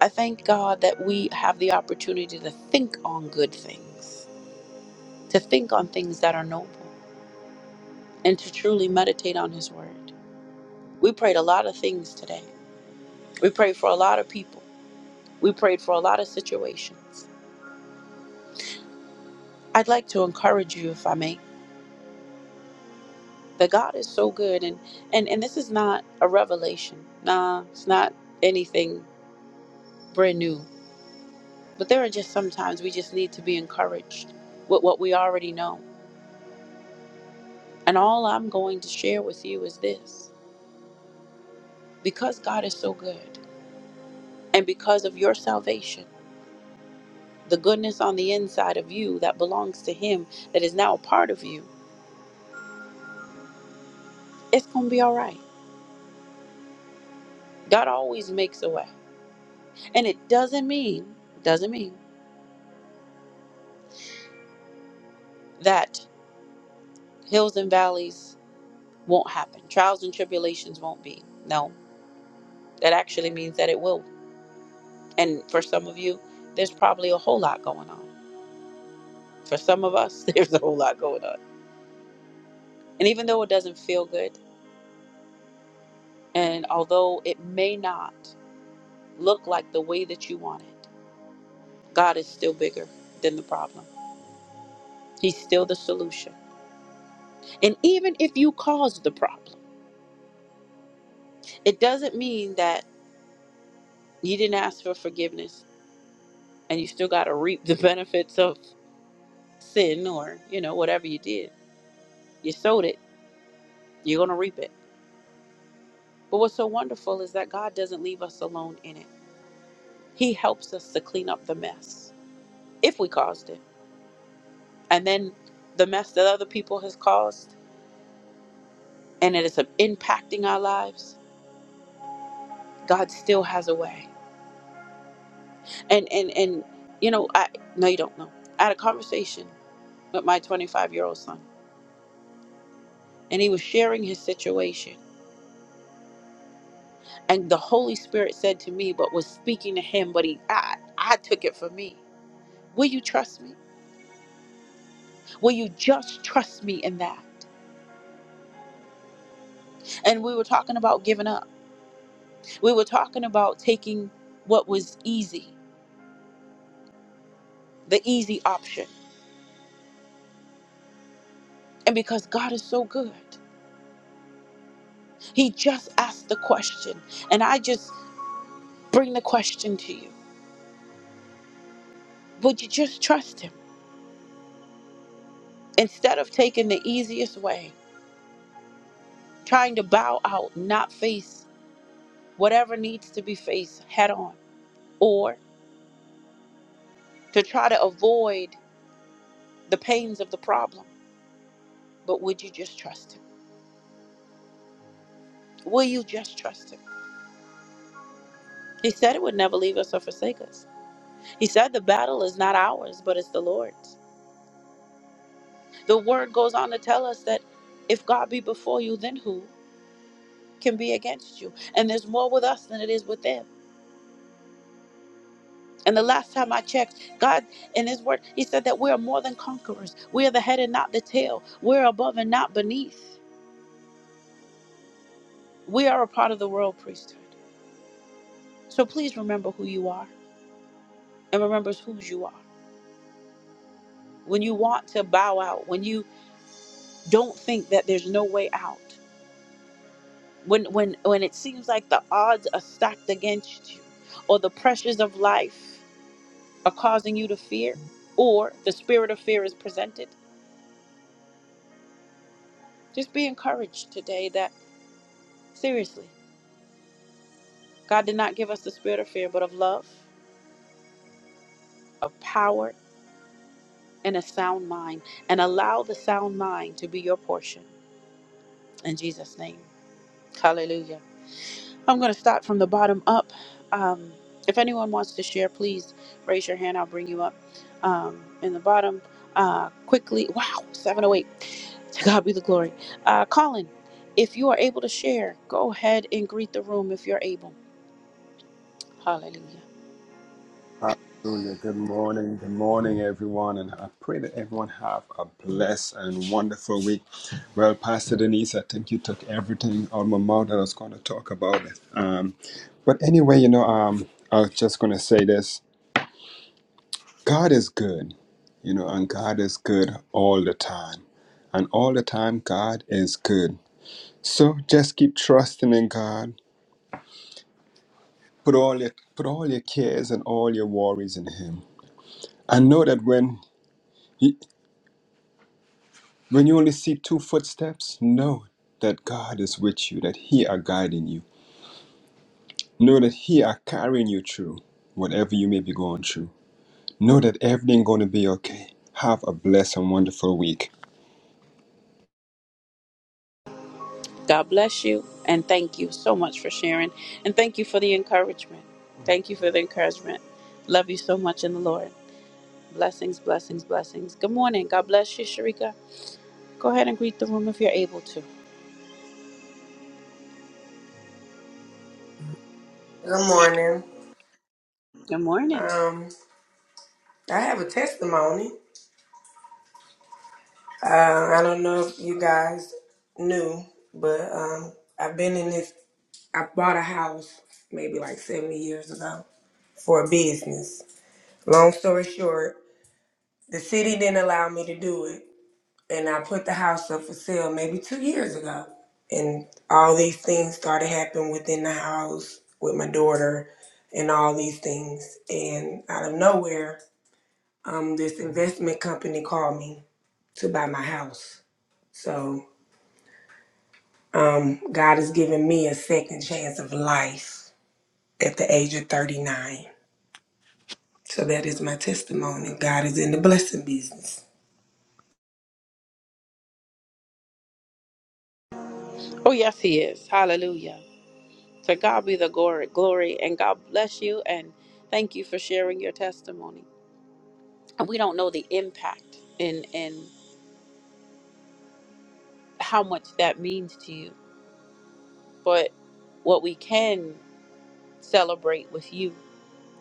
S1: I thank God that we have the opportunity to think on good things to think on things that are noble, and to truly meditate on His Word. We prayed a lot of things today. We prayed for a lot of people. We prayed for a lot of situations. I'd like to encourage you, if I may, that God is so good, and and and this is not a revelation. Nah, it's not anything brand new. But there are just sometimes we just need to be encouraged with what we already know. And all I'm going to share with you is this: because God is so good, and because of your salvation. the goodness on the inside of you that belongs to Him, that is now a part of you, it's going to be all right. God always makes a way. And it doesn't mean, doesn't mean that hills and valleys won't happen, trials and tribulations won't be. No, that actually means that it will. And for some of you, there's probably a whole lot going on. For some of us, there's a whole lot going on. And even though it doesn't feel good, and although it may not look like the way that you want it, God is still bigger than the problem. He's still the solution. And even if you caused the problem, it doesn't mean that you didn't ask for forgiveness and you still got to reap the benefits of sin or, you know, whatever you did. You sowed it, you're going to reap it. But what's so wonderful is that God doesn't leave us alone in it. He helps us to clean up the mess if we caused it. And then the mess that other people has caused and it is impacting our lives, God still has a way. and and and you know i no you don't know i had a conversation with my 25 year old son and he was sharing his situation and the holy spirit said to me but was speaking to him but he i, I took it for me will you trust me will you just trust me in that and we were talking about giving up we were talking about taking what was easy the easy option and because god is so good he just asked the question and i just bring the question to you would you just trust him Instead of taking the easiest way, trying to bow out, not face whatever needs to be faced head on, or to try to avoid the pains of the problem. But would you just trust him? Will you just trust him? He said it would never leave us or forsake us. He said the battle is not ours, but it's the Lord's. The word goes on to tell us that if God be before you, then who can be against you? And there's more with us than it is with them And the last time I checked, God in His Word, He said that we are more than conquerors. We are the head and not the tail. We're above and not beneath. We are a part of the royal priesthood. So please remember who you are and remember whose you are. When you want to bow out, when you don't think that there's no way out, when when when it seems like the odds are stacked against you, or the pressures of life are causing you to fear, or the spirit of fear is presented, just be encouraged today that seriously. God did not give us the spirit of fear, but of love, of power, and a sound mind. And allow the sound mind to be your portion in Jesus' name. Hallelujah. I'm going to start from the bottom up. Um, if anyone wants to share, please raise your hand. I'll bring you up um, in the bottom uh, quickly. Wow, 708. To God be the glory. Uh, Colin, if you are able to share, go ahead and greet the room if you're able. Hallelujah.
S4: Hallelujah. Good morning. Good morning, everyone. And I pray that everyone have a blessed and wonderful week. Well, Pastor Denise, I think you took everything out of my mouth that I was going to talk about. It. Um, but anyway, you know, um, I was just going to say this God is good, you know, and God is good all the time. And all the time, God is good. So just keep trusting in God. Put all your put all your cares and all your worries in Him. and know that when When you only see two footsteps, know that God is with you, that He are guiding you. Know that He are carrying you through whatever you may be going through. Know that everything going to be okay. Have a blessed and wonderful week.
S1: God bless you and thank you so much for sharing and thank you for the encouragement. Thank you for the encouragement. Love you so much in the Lord. Blessings, blessings, blessings. Good morning. God bless you, Sharika. Go ahead and greet the room if you're able to.
S8: Good morning.
S1: Good morning.
S8: Um, I have a testimony. Uh, I don't know if you guys knew, but um, I've been in this. I bought a house maybe like 70 years ago for a business. Long story short, the city didn't allow me to do it, and I put the house up for sale maybe two years ago. And all these things started happening within the house with my daughter and all these things. And out of nowhere, um, this investment company called me to buy my house. So um, God has given me a second chance of life at the age of 39. So that is my testimony. God is in the blessing business.
S1: Oh, yes, he is. Hallelujah. To God be the glory, glory, and God bless you and thank you for sharing your testimony. And we don't know the impact and and how much that means to you, but what we can celebrate with you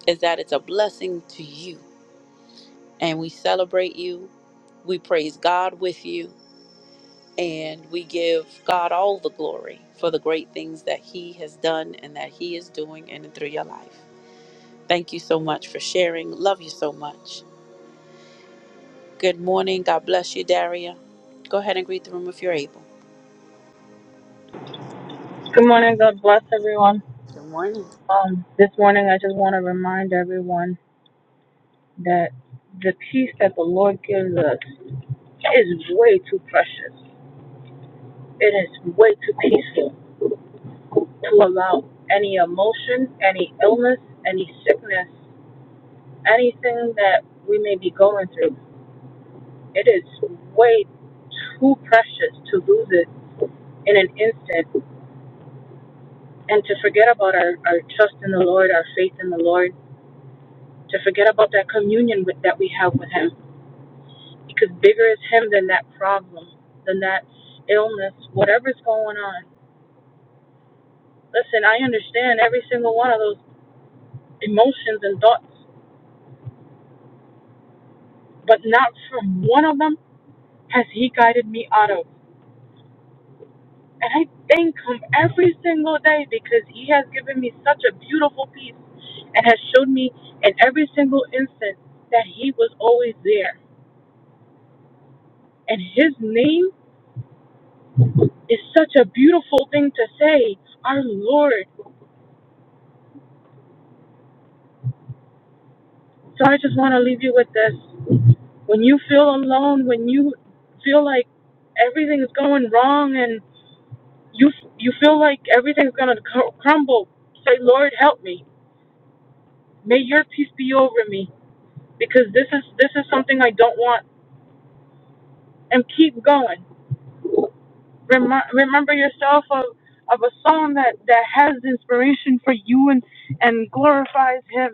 S1: is that it's a blessing to you. And we celebrate you, we praise God with you, and we give God all the glory for the great things that He has done and that He is doing in and through your life. Thank you so much for sharing. Love you so much. Good morning. God bless you, Daria. Go ahead and greet the room if you're able.
S7: Good morning. God bless everyone.
S1: Good morning.
S7: Um, this morning, I just want to remind everyone that the peace that the Lord gives us is way too precious. It is way too peaceful. to allow any emotion, any illness, any sickness, anything that we may be going through. It is way too precious to lose it in an instant and to forget about our, our trust in the Lord, our faith in the Lord, to forget about that communion with, that we have with Him. Because bigger is Him than that problem, than that illness, whatever's going on. Listen, I understand every single one of those emotions and thoughts, but not from one of them has He guided me out of. And I thank Him every single day because He has given me such a beautiful peace and has showed me in every single instant that He was always there. And His name is such a beautiful thing to say, our Lord. So I just want to leave you with this. When you feel alone, when you feel like everything is going wrong and you you feel like everything's going to crumble, say, Lord, help me. May your peace be over me because this is this is something I don't want. And keep going. Remi- remember yourself of of a song that that has inspiration for you and and glorifies Him.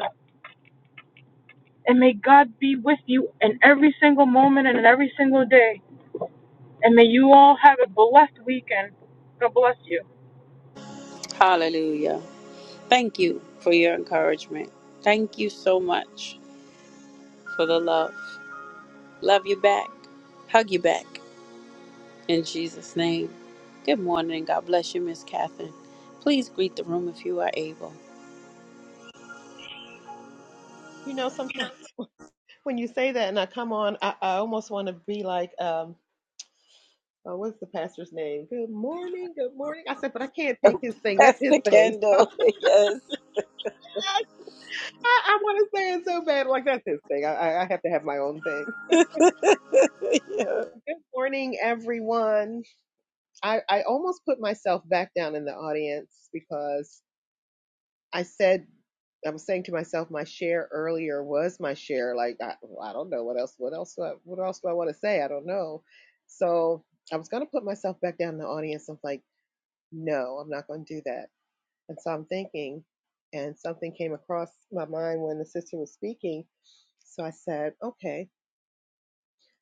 S7: And may God be with you in every single moment and in every single day. And may you all have a blessed weekend. God bless you.
S1: Hallelujah. Thank you for your encouragement. Thank you so much for the love. Love you back. Hug you back. In Jesus' name. Good morning. God bless you, Miss Catherine. Please greet the room if you are able.
S6: You know, sometimes when you say that and I come on, I, I almost want to be like, um Oh, what's the pastor's name? Good morning, good morning. I said, but I can't take his thing. That's
S1: That's
S6: his
S1: the
S6: thing.
S1: candle.
S6: I, I I want to say it so bad. Like, that's his thing. I, I I have to have my own thing.
S1: Yes.
S6: Good morning, everyone. I, I almost put myself back down in the audience because I said, I was saying to myself, my share earlier was my share. Like, I, well, I don't know what else, what else, do I, what else do I want to say? I don't know. So I was going to put myself back down in the audience. I'm like, no, I'm not going to do that. And so I'm thinking, and something came across my mind when the sister was speaking. So I said, okay.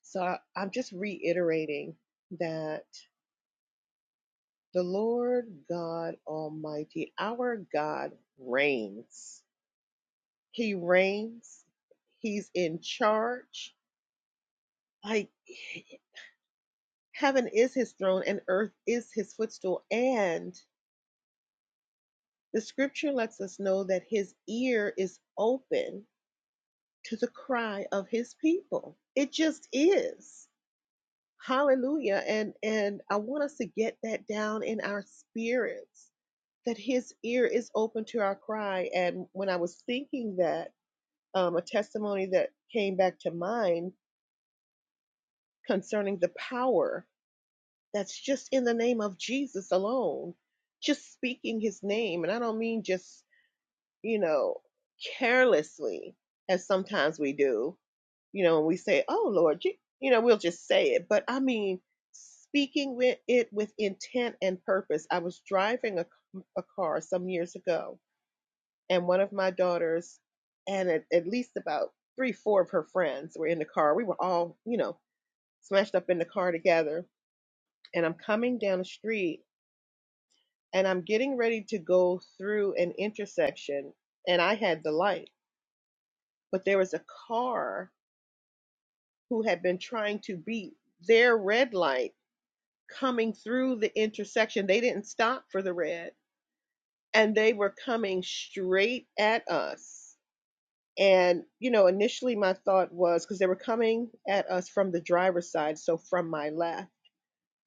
S6: So I, I'm just reiterating that the Lord God Almighty, our God, reigns. He reigns, He's in charge. Like heaven is His throne and earth is His footstool. And the scripture lets us know that His ear is open to the cry of his people. It just is. Hallelujah. And and I want us to get that down in our spirits that his ear is open to our cry. And when I was thinking that, um, a testimony that came back to mind concerning the power that's just in the name of Jesus alone, just speaking his name. And I don't mean just, you know, carelessly, as sometimes we do, you know, and we say, "Oh Lord," you, you know, we'll just say it. But I mean, speaking with it with intent and purpose. I was driving a a car some years ago, and one of my daughters, and at, at least about three, four of her friends were in the car. We were all, you know, smashed up in the car together. And I'm coming down the street, and I'm getting ready to go through an intersection, and I had the light, but there was a car who had been trying to beat their red light coming through the intersection. They didn't stop for the red and they were coming straight at us. And, you know, initially my thought was because they were coming at us from the driver's side, so from my left.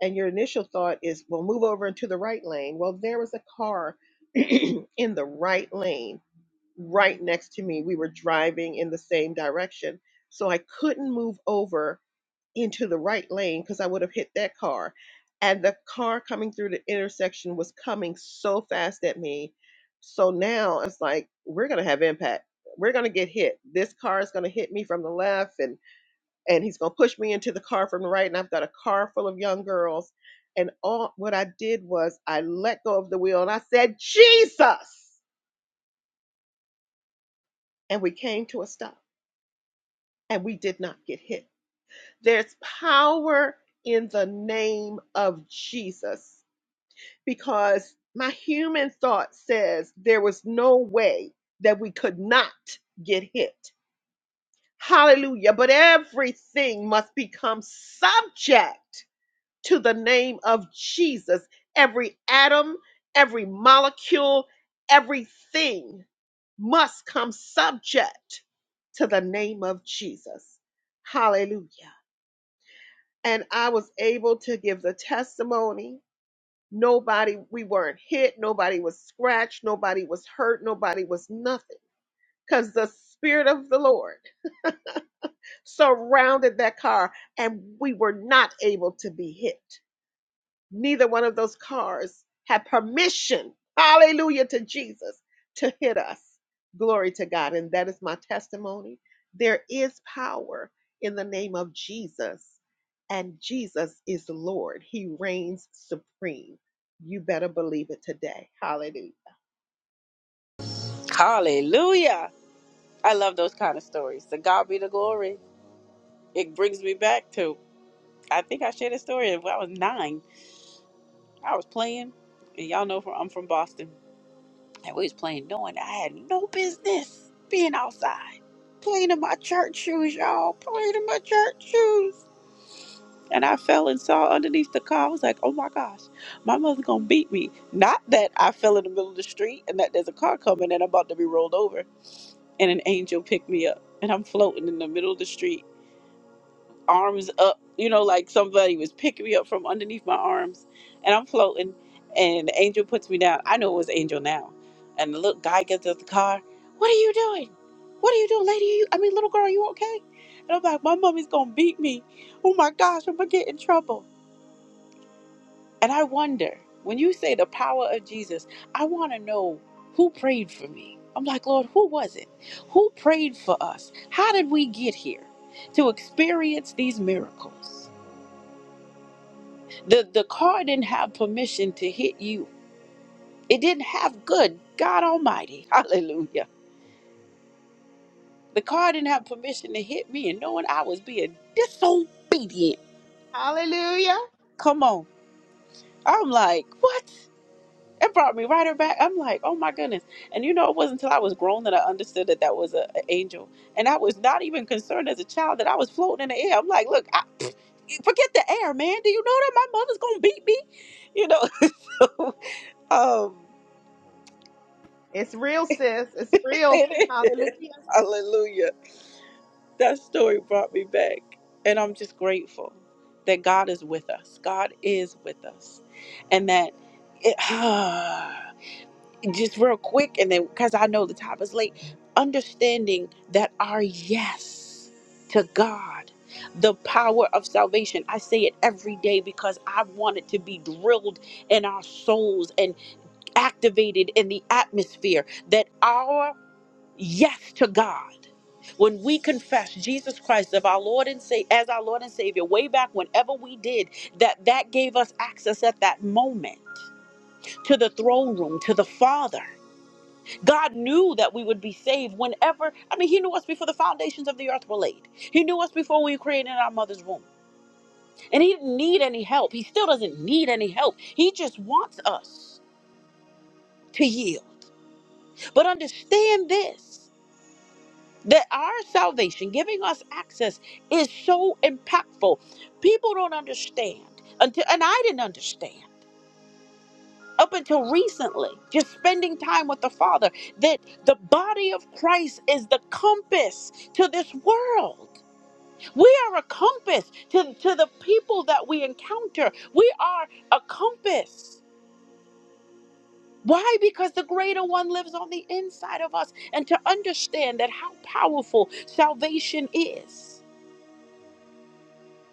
S6: And your initial thought is, well, move over into the right lane. Well, there was a car in the right lane right next to me. We were driving in the same direction. So I couldn't move over into the right lane because I would have hit that car. And the car coming through the intersection was coming so fast at me. So now it's like we're gonna have impact. We're gonna get hit. This car is gonna hit me from the left, and and he's gonna push me into the car from the right. And I've got a car full of young girls. And all what I did was I let go of the wheel and I said, Jesus! And we came to a stop and we did not get hit. There's power in the name of Jesus. because my human thought says there was no way that we could not get hit. Hallelujah. But everything must become subject to the name of Jesus. Every atom, every molecule, everything must come subject to the name of Jesus. Hallelujah. And I was able to give the testimony Nobody, we weren't hit. Nobody was scratched. Nobody was hurt. Nobody was nothing because the Spirit of the Lord surrounded that car and we were not able to be hit neither one of those cars had permission, hallelujah to Jesus, to hit us. Glory to God. And that is my testimony. There is power in the name of Jesus, and Jesus is Lord. He reigns supreme. You better believe it today. Hallelujah.
S1: Hallelujah. I love those kind of stories. To God be the glory. It brings me back to, I think I shared a story when I was nine. I was playing, and y'all know from, I'm from Boston, and we was playing doing. I had no business being outside, playing in my church shoes, y'all, playing in my church shoes. And I fell and saw underneath the car. I was like, oh my gosh, my mother's gonna beat me. Not that I fell in the middle of the street and that there's a car coming and I'm about to be rolled over. And an angel picked me up and I'm floating in the middle of the street, arms up, you know, like somebody was picking me up from underneath my arms. And I'm floating and the angel puts me down. I know it was angel now. And the little guy gets out the car. What are you doing? What are you doing, lady? You, I mean, little girl, you okay? And I'm like, my mommy's gonna beat me. Oh my gosh, I'm gonna get in trouble. And I wonder, when you say the power of Jesus, I want to know who prayed for me. I'm like, Lord, who was it? Who prayed for us? How did we get here to experience these miracles? The the car didn't have permission to hit you. It didn't have good God Almighty. Hallelujah. The car didn't have permission to hit me and knowing I was being disobedient.
S6: Hallelujah.
S1: Come on. I'm like, what? It brought me right back. I'm like, oh my goodness. And you know, it wasn't until I was grown that I understood that that was a, an angel. And I was not even concerned as a child that I was floating in the air. I'm like, look, I, pff, forget the air, man. Do you know that my mother's going to beat me? You know? um,
S6: It's real, sis. It's real. Hallelujah.
S1: hallelujah. That story brought me back. And I'm just grateful that God is with us. God is with us. And that it, just real quick and then because i know the time is late understanding that our yes to god the power of salvation i say it every day because i want it to be drilled in our souls and activated in the atmosphere that our yes to god when we confess jesus christ of our lord and say as our lord and savior way back whenever we did that that gave us access at that moment to the throne room to the father God knew that we would be saved whenever, I mean, He knew us before the foundations of the earth were laid. He knew us before we were created in our mother's womb. And He didn't need any help. He still doesn't need any help. He just wants us to yield. But understand this that our salvation, giving us access, is so impactful. People don't understand. Until, and I didn't understand. up until recently, just spending time with the Father, that the body of Christ is the compass to this world. We are a compass to, to the people that we encounter. We are a compass. Why? Because the greater one lives on the inside of us. And to understand that how powerful salvation is,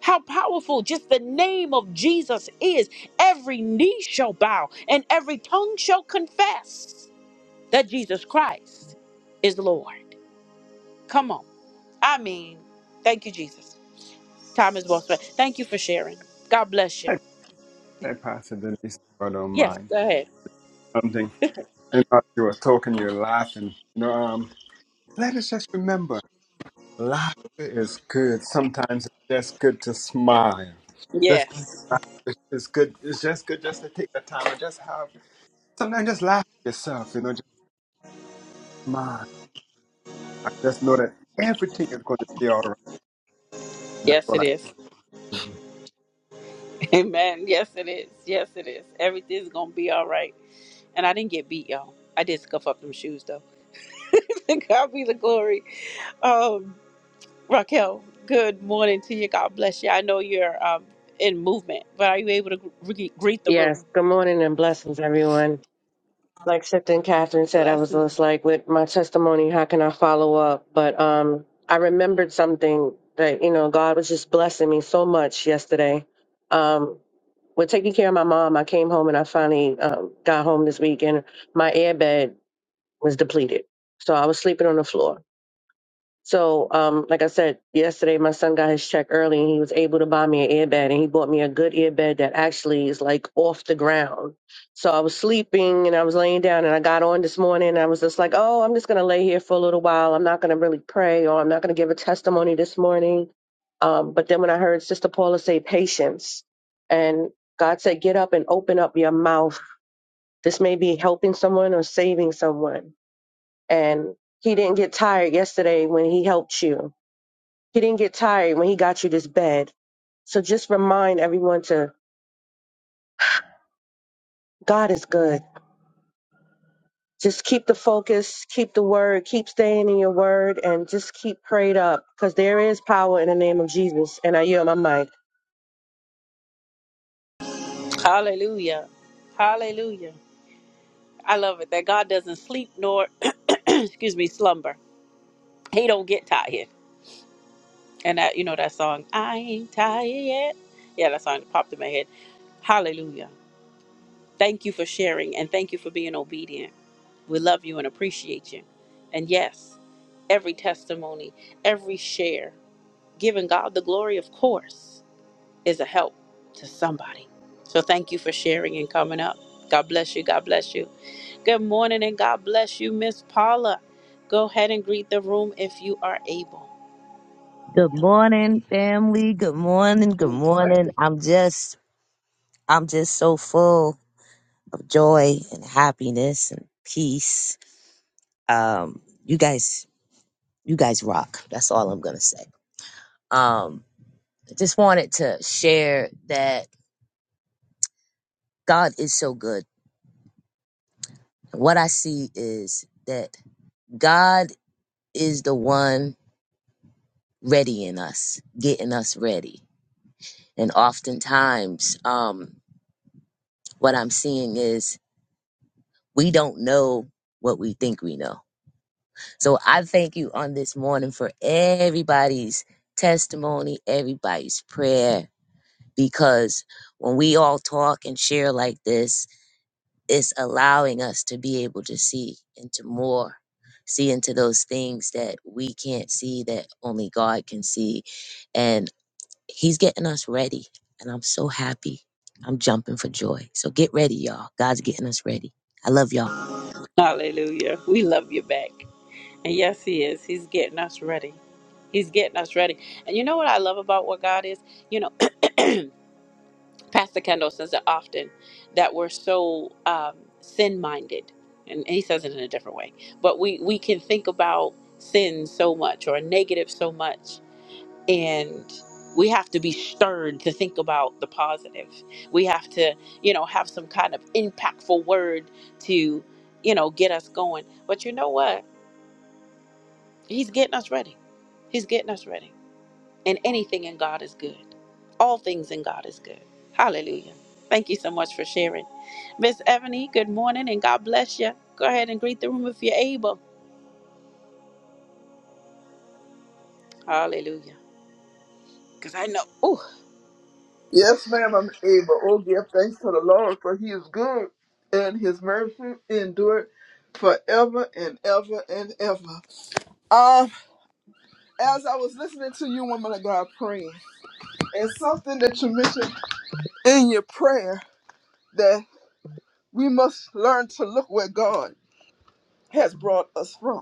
S1: how powerful just the name of Jesus is, every knee shall bow and every tongue shall confess that Jesus Christ is Lord. Come on. I mean, thank you, Jesus. Time is well spent. Thank you for sharing. God bless you.
S4: Hey, hey Pastor Denise, if I don't
S1: Yes,
S4: mind
S1: go ahead.
S4: something. And as you were talking, you're laughing. You know, um, let us just remember, laughter is good. Sometimes it's just good to smile. Just
S1: Yes.
S4: it's it's good. It's just good just to take the time and just have Sometimes just laugh at yourself, you know, just smile. I just know that everything is going to be all right. That's
S1: Yes,
S4: all.
S1: it is. Amen. Yes, it is. Yes, it is. Everything's going to be all right. And I didn't get beat, y'all. I did scuff up them shoes, though. God be the glory. Um, Raquel, good morning to you. God bless you. I know you're um, in movement, but are you able to gre- greet the
S5: Yes,
S1: room?
S5: good morning and blessings, everyone. Like Sifton Catherine said, I was
S1: Blessings.
S5: just like, with my testimony, how can I follow up? But um, I remembered something that, you know, God was just blessing me so much yesterday. Um, with taking care of my mom, I came home and I finally um, got home this weekend. My airbed was depleted. So I was sleeping on the floor. So, um, like I said, yesterday my son got his check early and he was able to buy me an airbed and he bought me a good airbed that actually is like off the ground. So I was sleeping and I was laying down and I got on this morning and I was just like, oh, I'm just going to lay here for a little while. I'm not going to really pray or I'm not going to give a testimony this morning. Um, but then when I heard Sister Paula say patience and God said, get up and open up your mouth. This may be helping someone or saving someone. And he didn't get tired yesterday when he helped you he didn't get tired when he got you this bed. So just remind everyone to God is good. Just keep the focus, keep the word, keep staying in your word, and just keep prayed up because there is power in the name of Jesus. And I yield my mic.
S1: Hallelujah. Hallelujah. I love it that God doesn't sleep nor excuse me slumber. He don't get tired. And that you know that song, I ain't tired yet. Yeah, that song popped in my head. Hallelujah. Thank you for sharing and thank you for being obedient. We love you and appreciate you. And yes, every testimony, every share, giving God the glory, of course, is a help to somebody. So thank you for sharing and coming up. God bless you. God bless you. Good morning and God bless you, Miss Paula. Go ahead and greet the room if you are able.
S3: Good morning, family. Good morning. Good morning. I'm just, I'm just so full of joy and happiness and peace. Um, you guys You guys rock. That's all I'm gonna say. Um, I just wanted to share that God is so good. What I see is that God is the one readying us, getting us ready. And oftentimes, um, what I'm seeing is we don't know what we think we know. So I thank you on this morning for everybody's testimony, everybody's prayer, because when we all talk and share like this, it's allowing us to be able to see into more see into those things that we can't see that only god can see and he's getting us ready and i'm so happy i'm jumping for joy so get ready y'all god's getting us ready i love y'all
S1: Hallelujah. We love you back. And yes, He is. He's getting us ready. He's getting us ready. And you know what I love about what God is? You know, Pastor Kendall says it often that we're so um, sin minded. And and he says it in a different way. But we, we can think about sin so much or negative so much. and we have to be stirred to think about the positive we have to you know have some kind of impactful word to you know get us going but you know what he's getting us ready he's getting us ready and anything in god is good all things in god is good hallelujah thank you so much for sharing miss ebony good morning and god bless you go ahead and greet the room if you're able hallelujah because i know Ooh.
S2: Yes, ma'am, I'm able. Oh, give thanks to the Lord, for he is good, and his mercy endured forever and ever and ever. Um, as I was listening to you, woman of God, praying, and something that you mentioned in your prayer that we must learn to look where God has brought us from.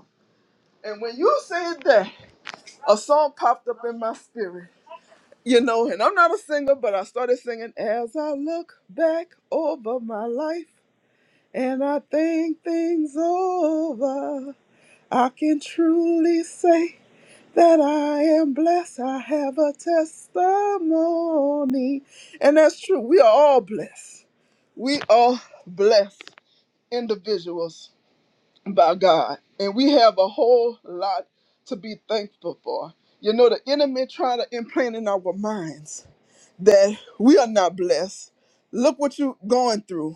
S2: And when you said that, a song popped up in my spirit. You know, and I'm not a singer, but I started singing as I look back over my life and I think things over. I can truly say that I am blessed. I have a testimony. And that's true. We are all blessed. We are blessed individuals. by God. And we have a whole lot to be thankful for. You know, the enemy trying to implant in our minds that we are not blessed. Look what you're going through.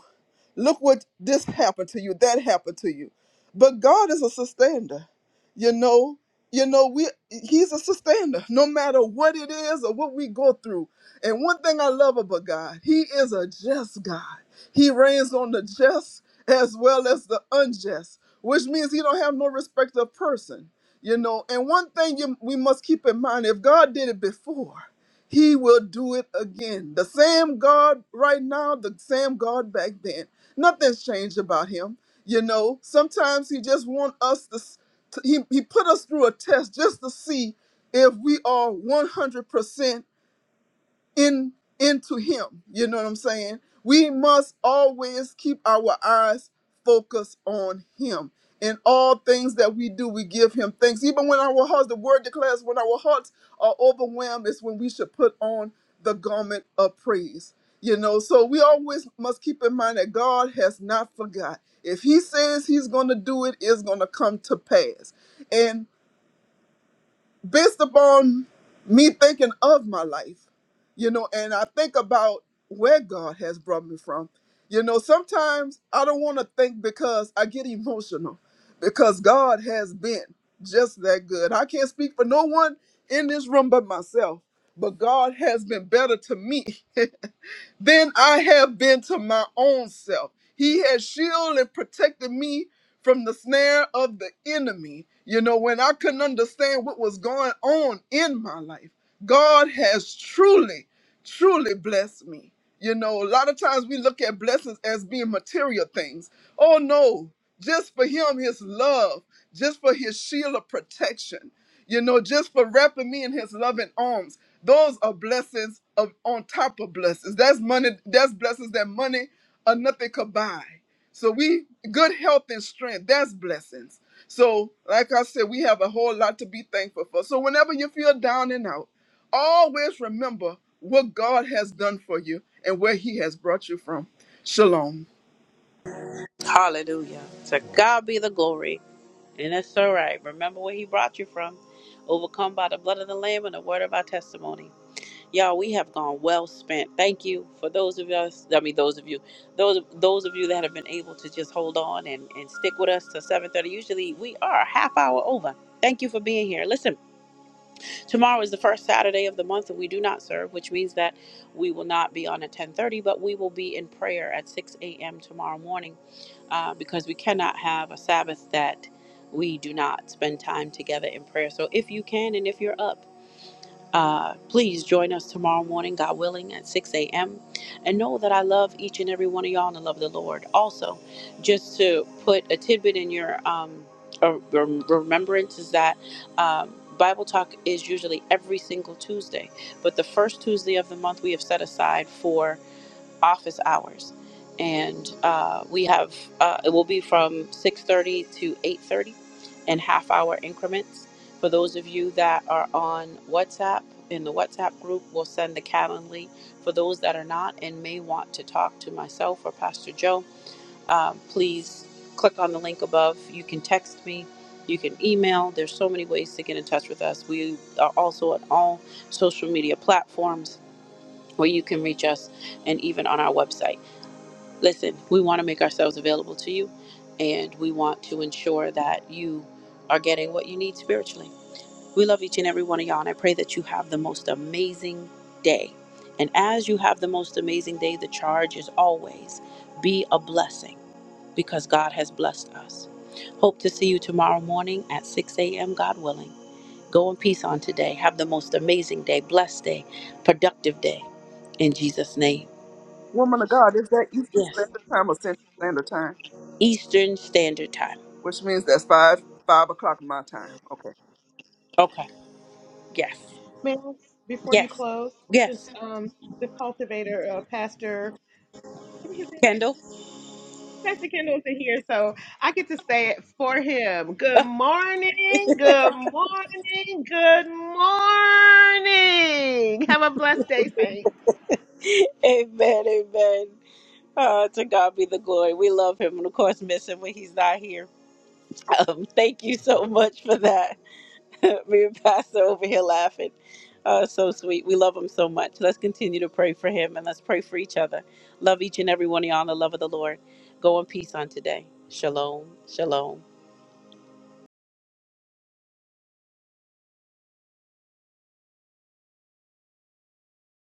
S2: Look what this happened to you, that happened to you. But God is a sustainer. You know, you know, we He's a sustainer, no matter what it is or what we go through. And one thing I love about God, He is a just God. He reigns on the just as well as the unjust, which means He don't have no respect of person. You know, and one thing you, we must keep in mind: if God did it before, He will do it again. The same God right now, the same God back then. Nothing's changed about him. You know, sometimes he just want us to, s- to- he, he put us through a test just to see if we are 100% in into him you know what i'm saying we must always keep our eyes focused on him in all things that we do we give him thanks even when our hearts the word declares when our hearts are overwhelmed is when we should put on the garment of praise you know so we always must keep in mind that god has not forgot if he says he's going to do it it's going to come to pass based upon me thinking of my life, you know, and I think about where God has brought me from. You know, sometimes I don't want to think because I get emotional because God has been just that good. I can't speak for no one in this room but myself, but God has been better to me than I have been to my own self. He has shielded and protected me from the snare of the enemy. You know, when I couldn't understand what was going on in my life, God has truly, truly blessed me. You know, a lot of times we look at blessings as being material things. Oh no, just for Him, His love, just for His shield of protection you know, just for wrapping me in his loving arms. Those are blessings of on top of blessings. That's money, that's blessings that money or nothing could buy. So we good health and strength, that's blessings. So, like I said, we have a whole lot to be thankful for. So whenever you feel down and out, always remember what God has done for you and where he has brought you from. Shalom.
S1: hallelujah to god be the glory And that's all right. Remember where he brought you from. Overcome by the blood of the Lamb and the word of our testimony. Y'all, we have gone well spent. Thank you for those of us, I mean those of you, those those of you that have been able to just hold on and, and stick with us to 7:30. Usually we are a half hour over. Thank you for being here. Listen. Tomorrow is the first Saturday of the month that we do not serve, which means that we will not be on at 10:30, but we will be in prayer at 6 a.m. tomorrow morning, uh, because we cannot have a Sabbath that we do not spend time together in prayer. So if you can, and if you're up. Uh, please join us tomorrow morning, God willing, at 6 a.m. And know that I love each and every one of y'all in the love of the Lord. Also, just to put a tidbit in your um, uh, rem- remembrance is that um, Bible Talk is usually every single Tuesday, but the first Tuesday of the month we have set aside for office hours, and uh, we have uh, it will be from 6:30 to 8:30 in half hour increments. For those of you that are on WhatsApp in the WhatsApp group, we'll send the Calendly. For those that are not and may want to talk to myself or Pastor Joe, um, please click on the link above. You can text me. You can email. There's so many ways to get in touch with us. We are also on all social media platforms where you can reach us and even on our website listen, we want to make ourselves available to you and we want to ensure that you are getting what you need spiritually. We love each and every one of y'all and I pray that you have the most amazing day. And as you have the most amazing day, the charge is always be a blessing because God has blessed us. Hope to see you tomorrow morning at 6 a.m., God willing. Go in peace on today. Have the most amazing day, blessed day, productive day in Jesus' name.
S2: Woman of God, is that Eastern
S1: Yes,
S2: Standard Time or Central Standard Time?
S1: Eastern Standard Time.
S2: Which means that's five five o'clock my time. Okay.
S1: Okay. Yes.
S6: Ma'am, before you
S1: Yes.
S6: close, this
S1: Yes.
S6: um the cultivator, uh, pastor, give me his name again.
S1: Kendall.
S6: Pastor Kendall's in here, so I get to say it for him. Good morning, good morning, good morning. Have a blessed day, Saints.
S1: amen. Amen. Uh, to God be the glory. We love him and, of course, miss him when he's not here. Um, thank you so much for that. Me and Pastor over here laughing. Uh, so sweet. We love him so much. Let's continue to pray for him and let's pray for each other. Love each and every one of y'all in the love of the Lord. Go in peace on today. Shalom. Shalom.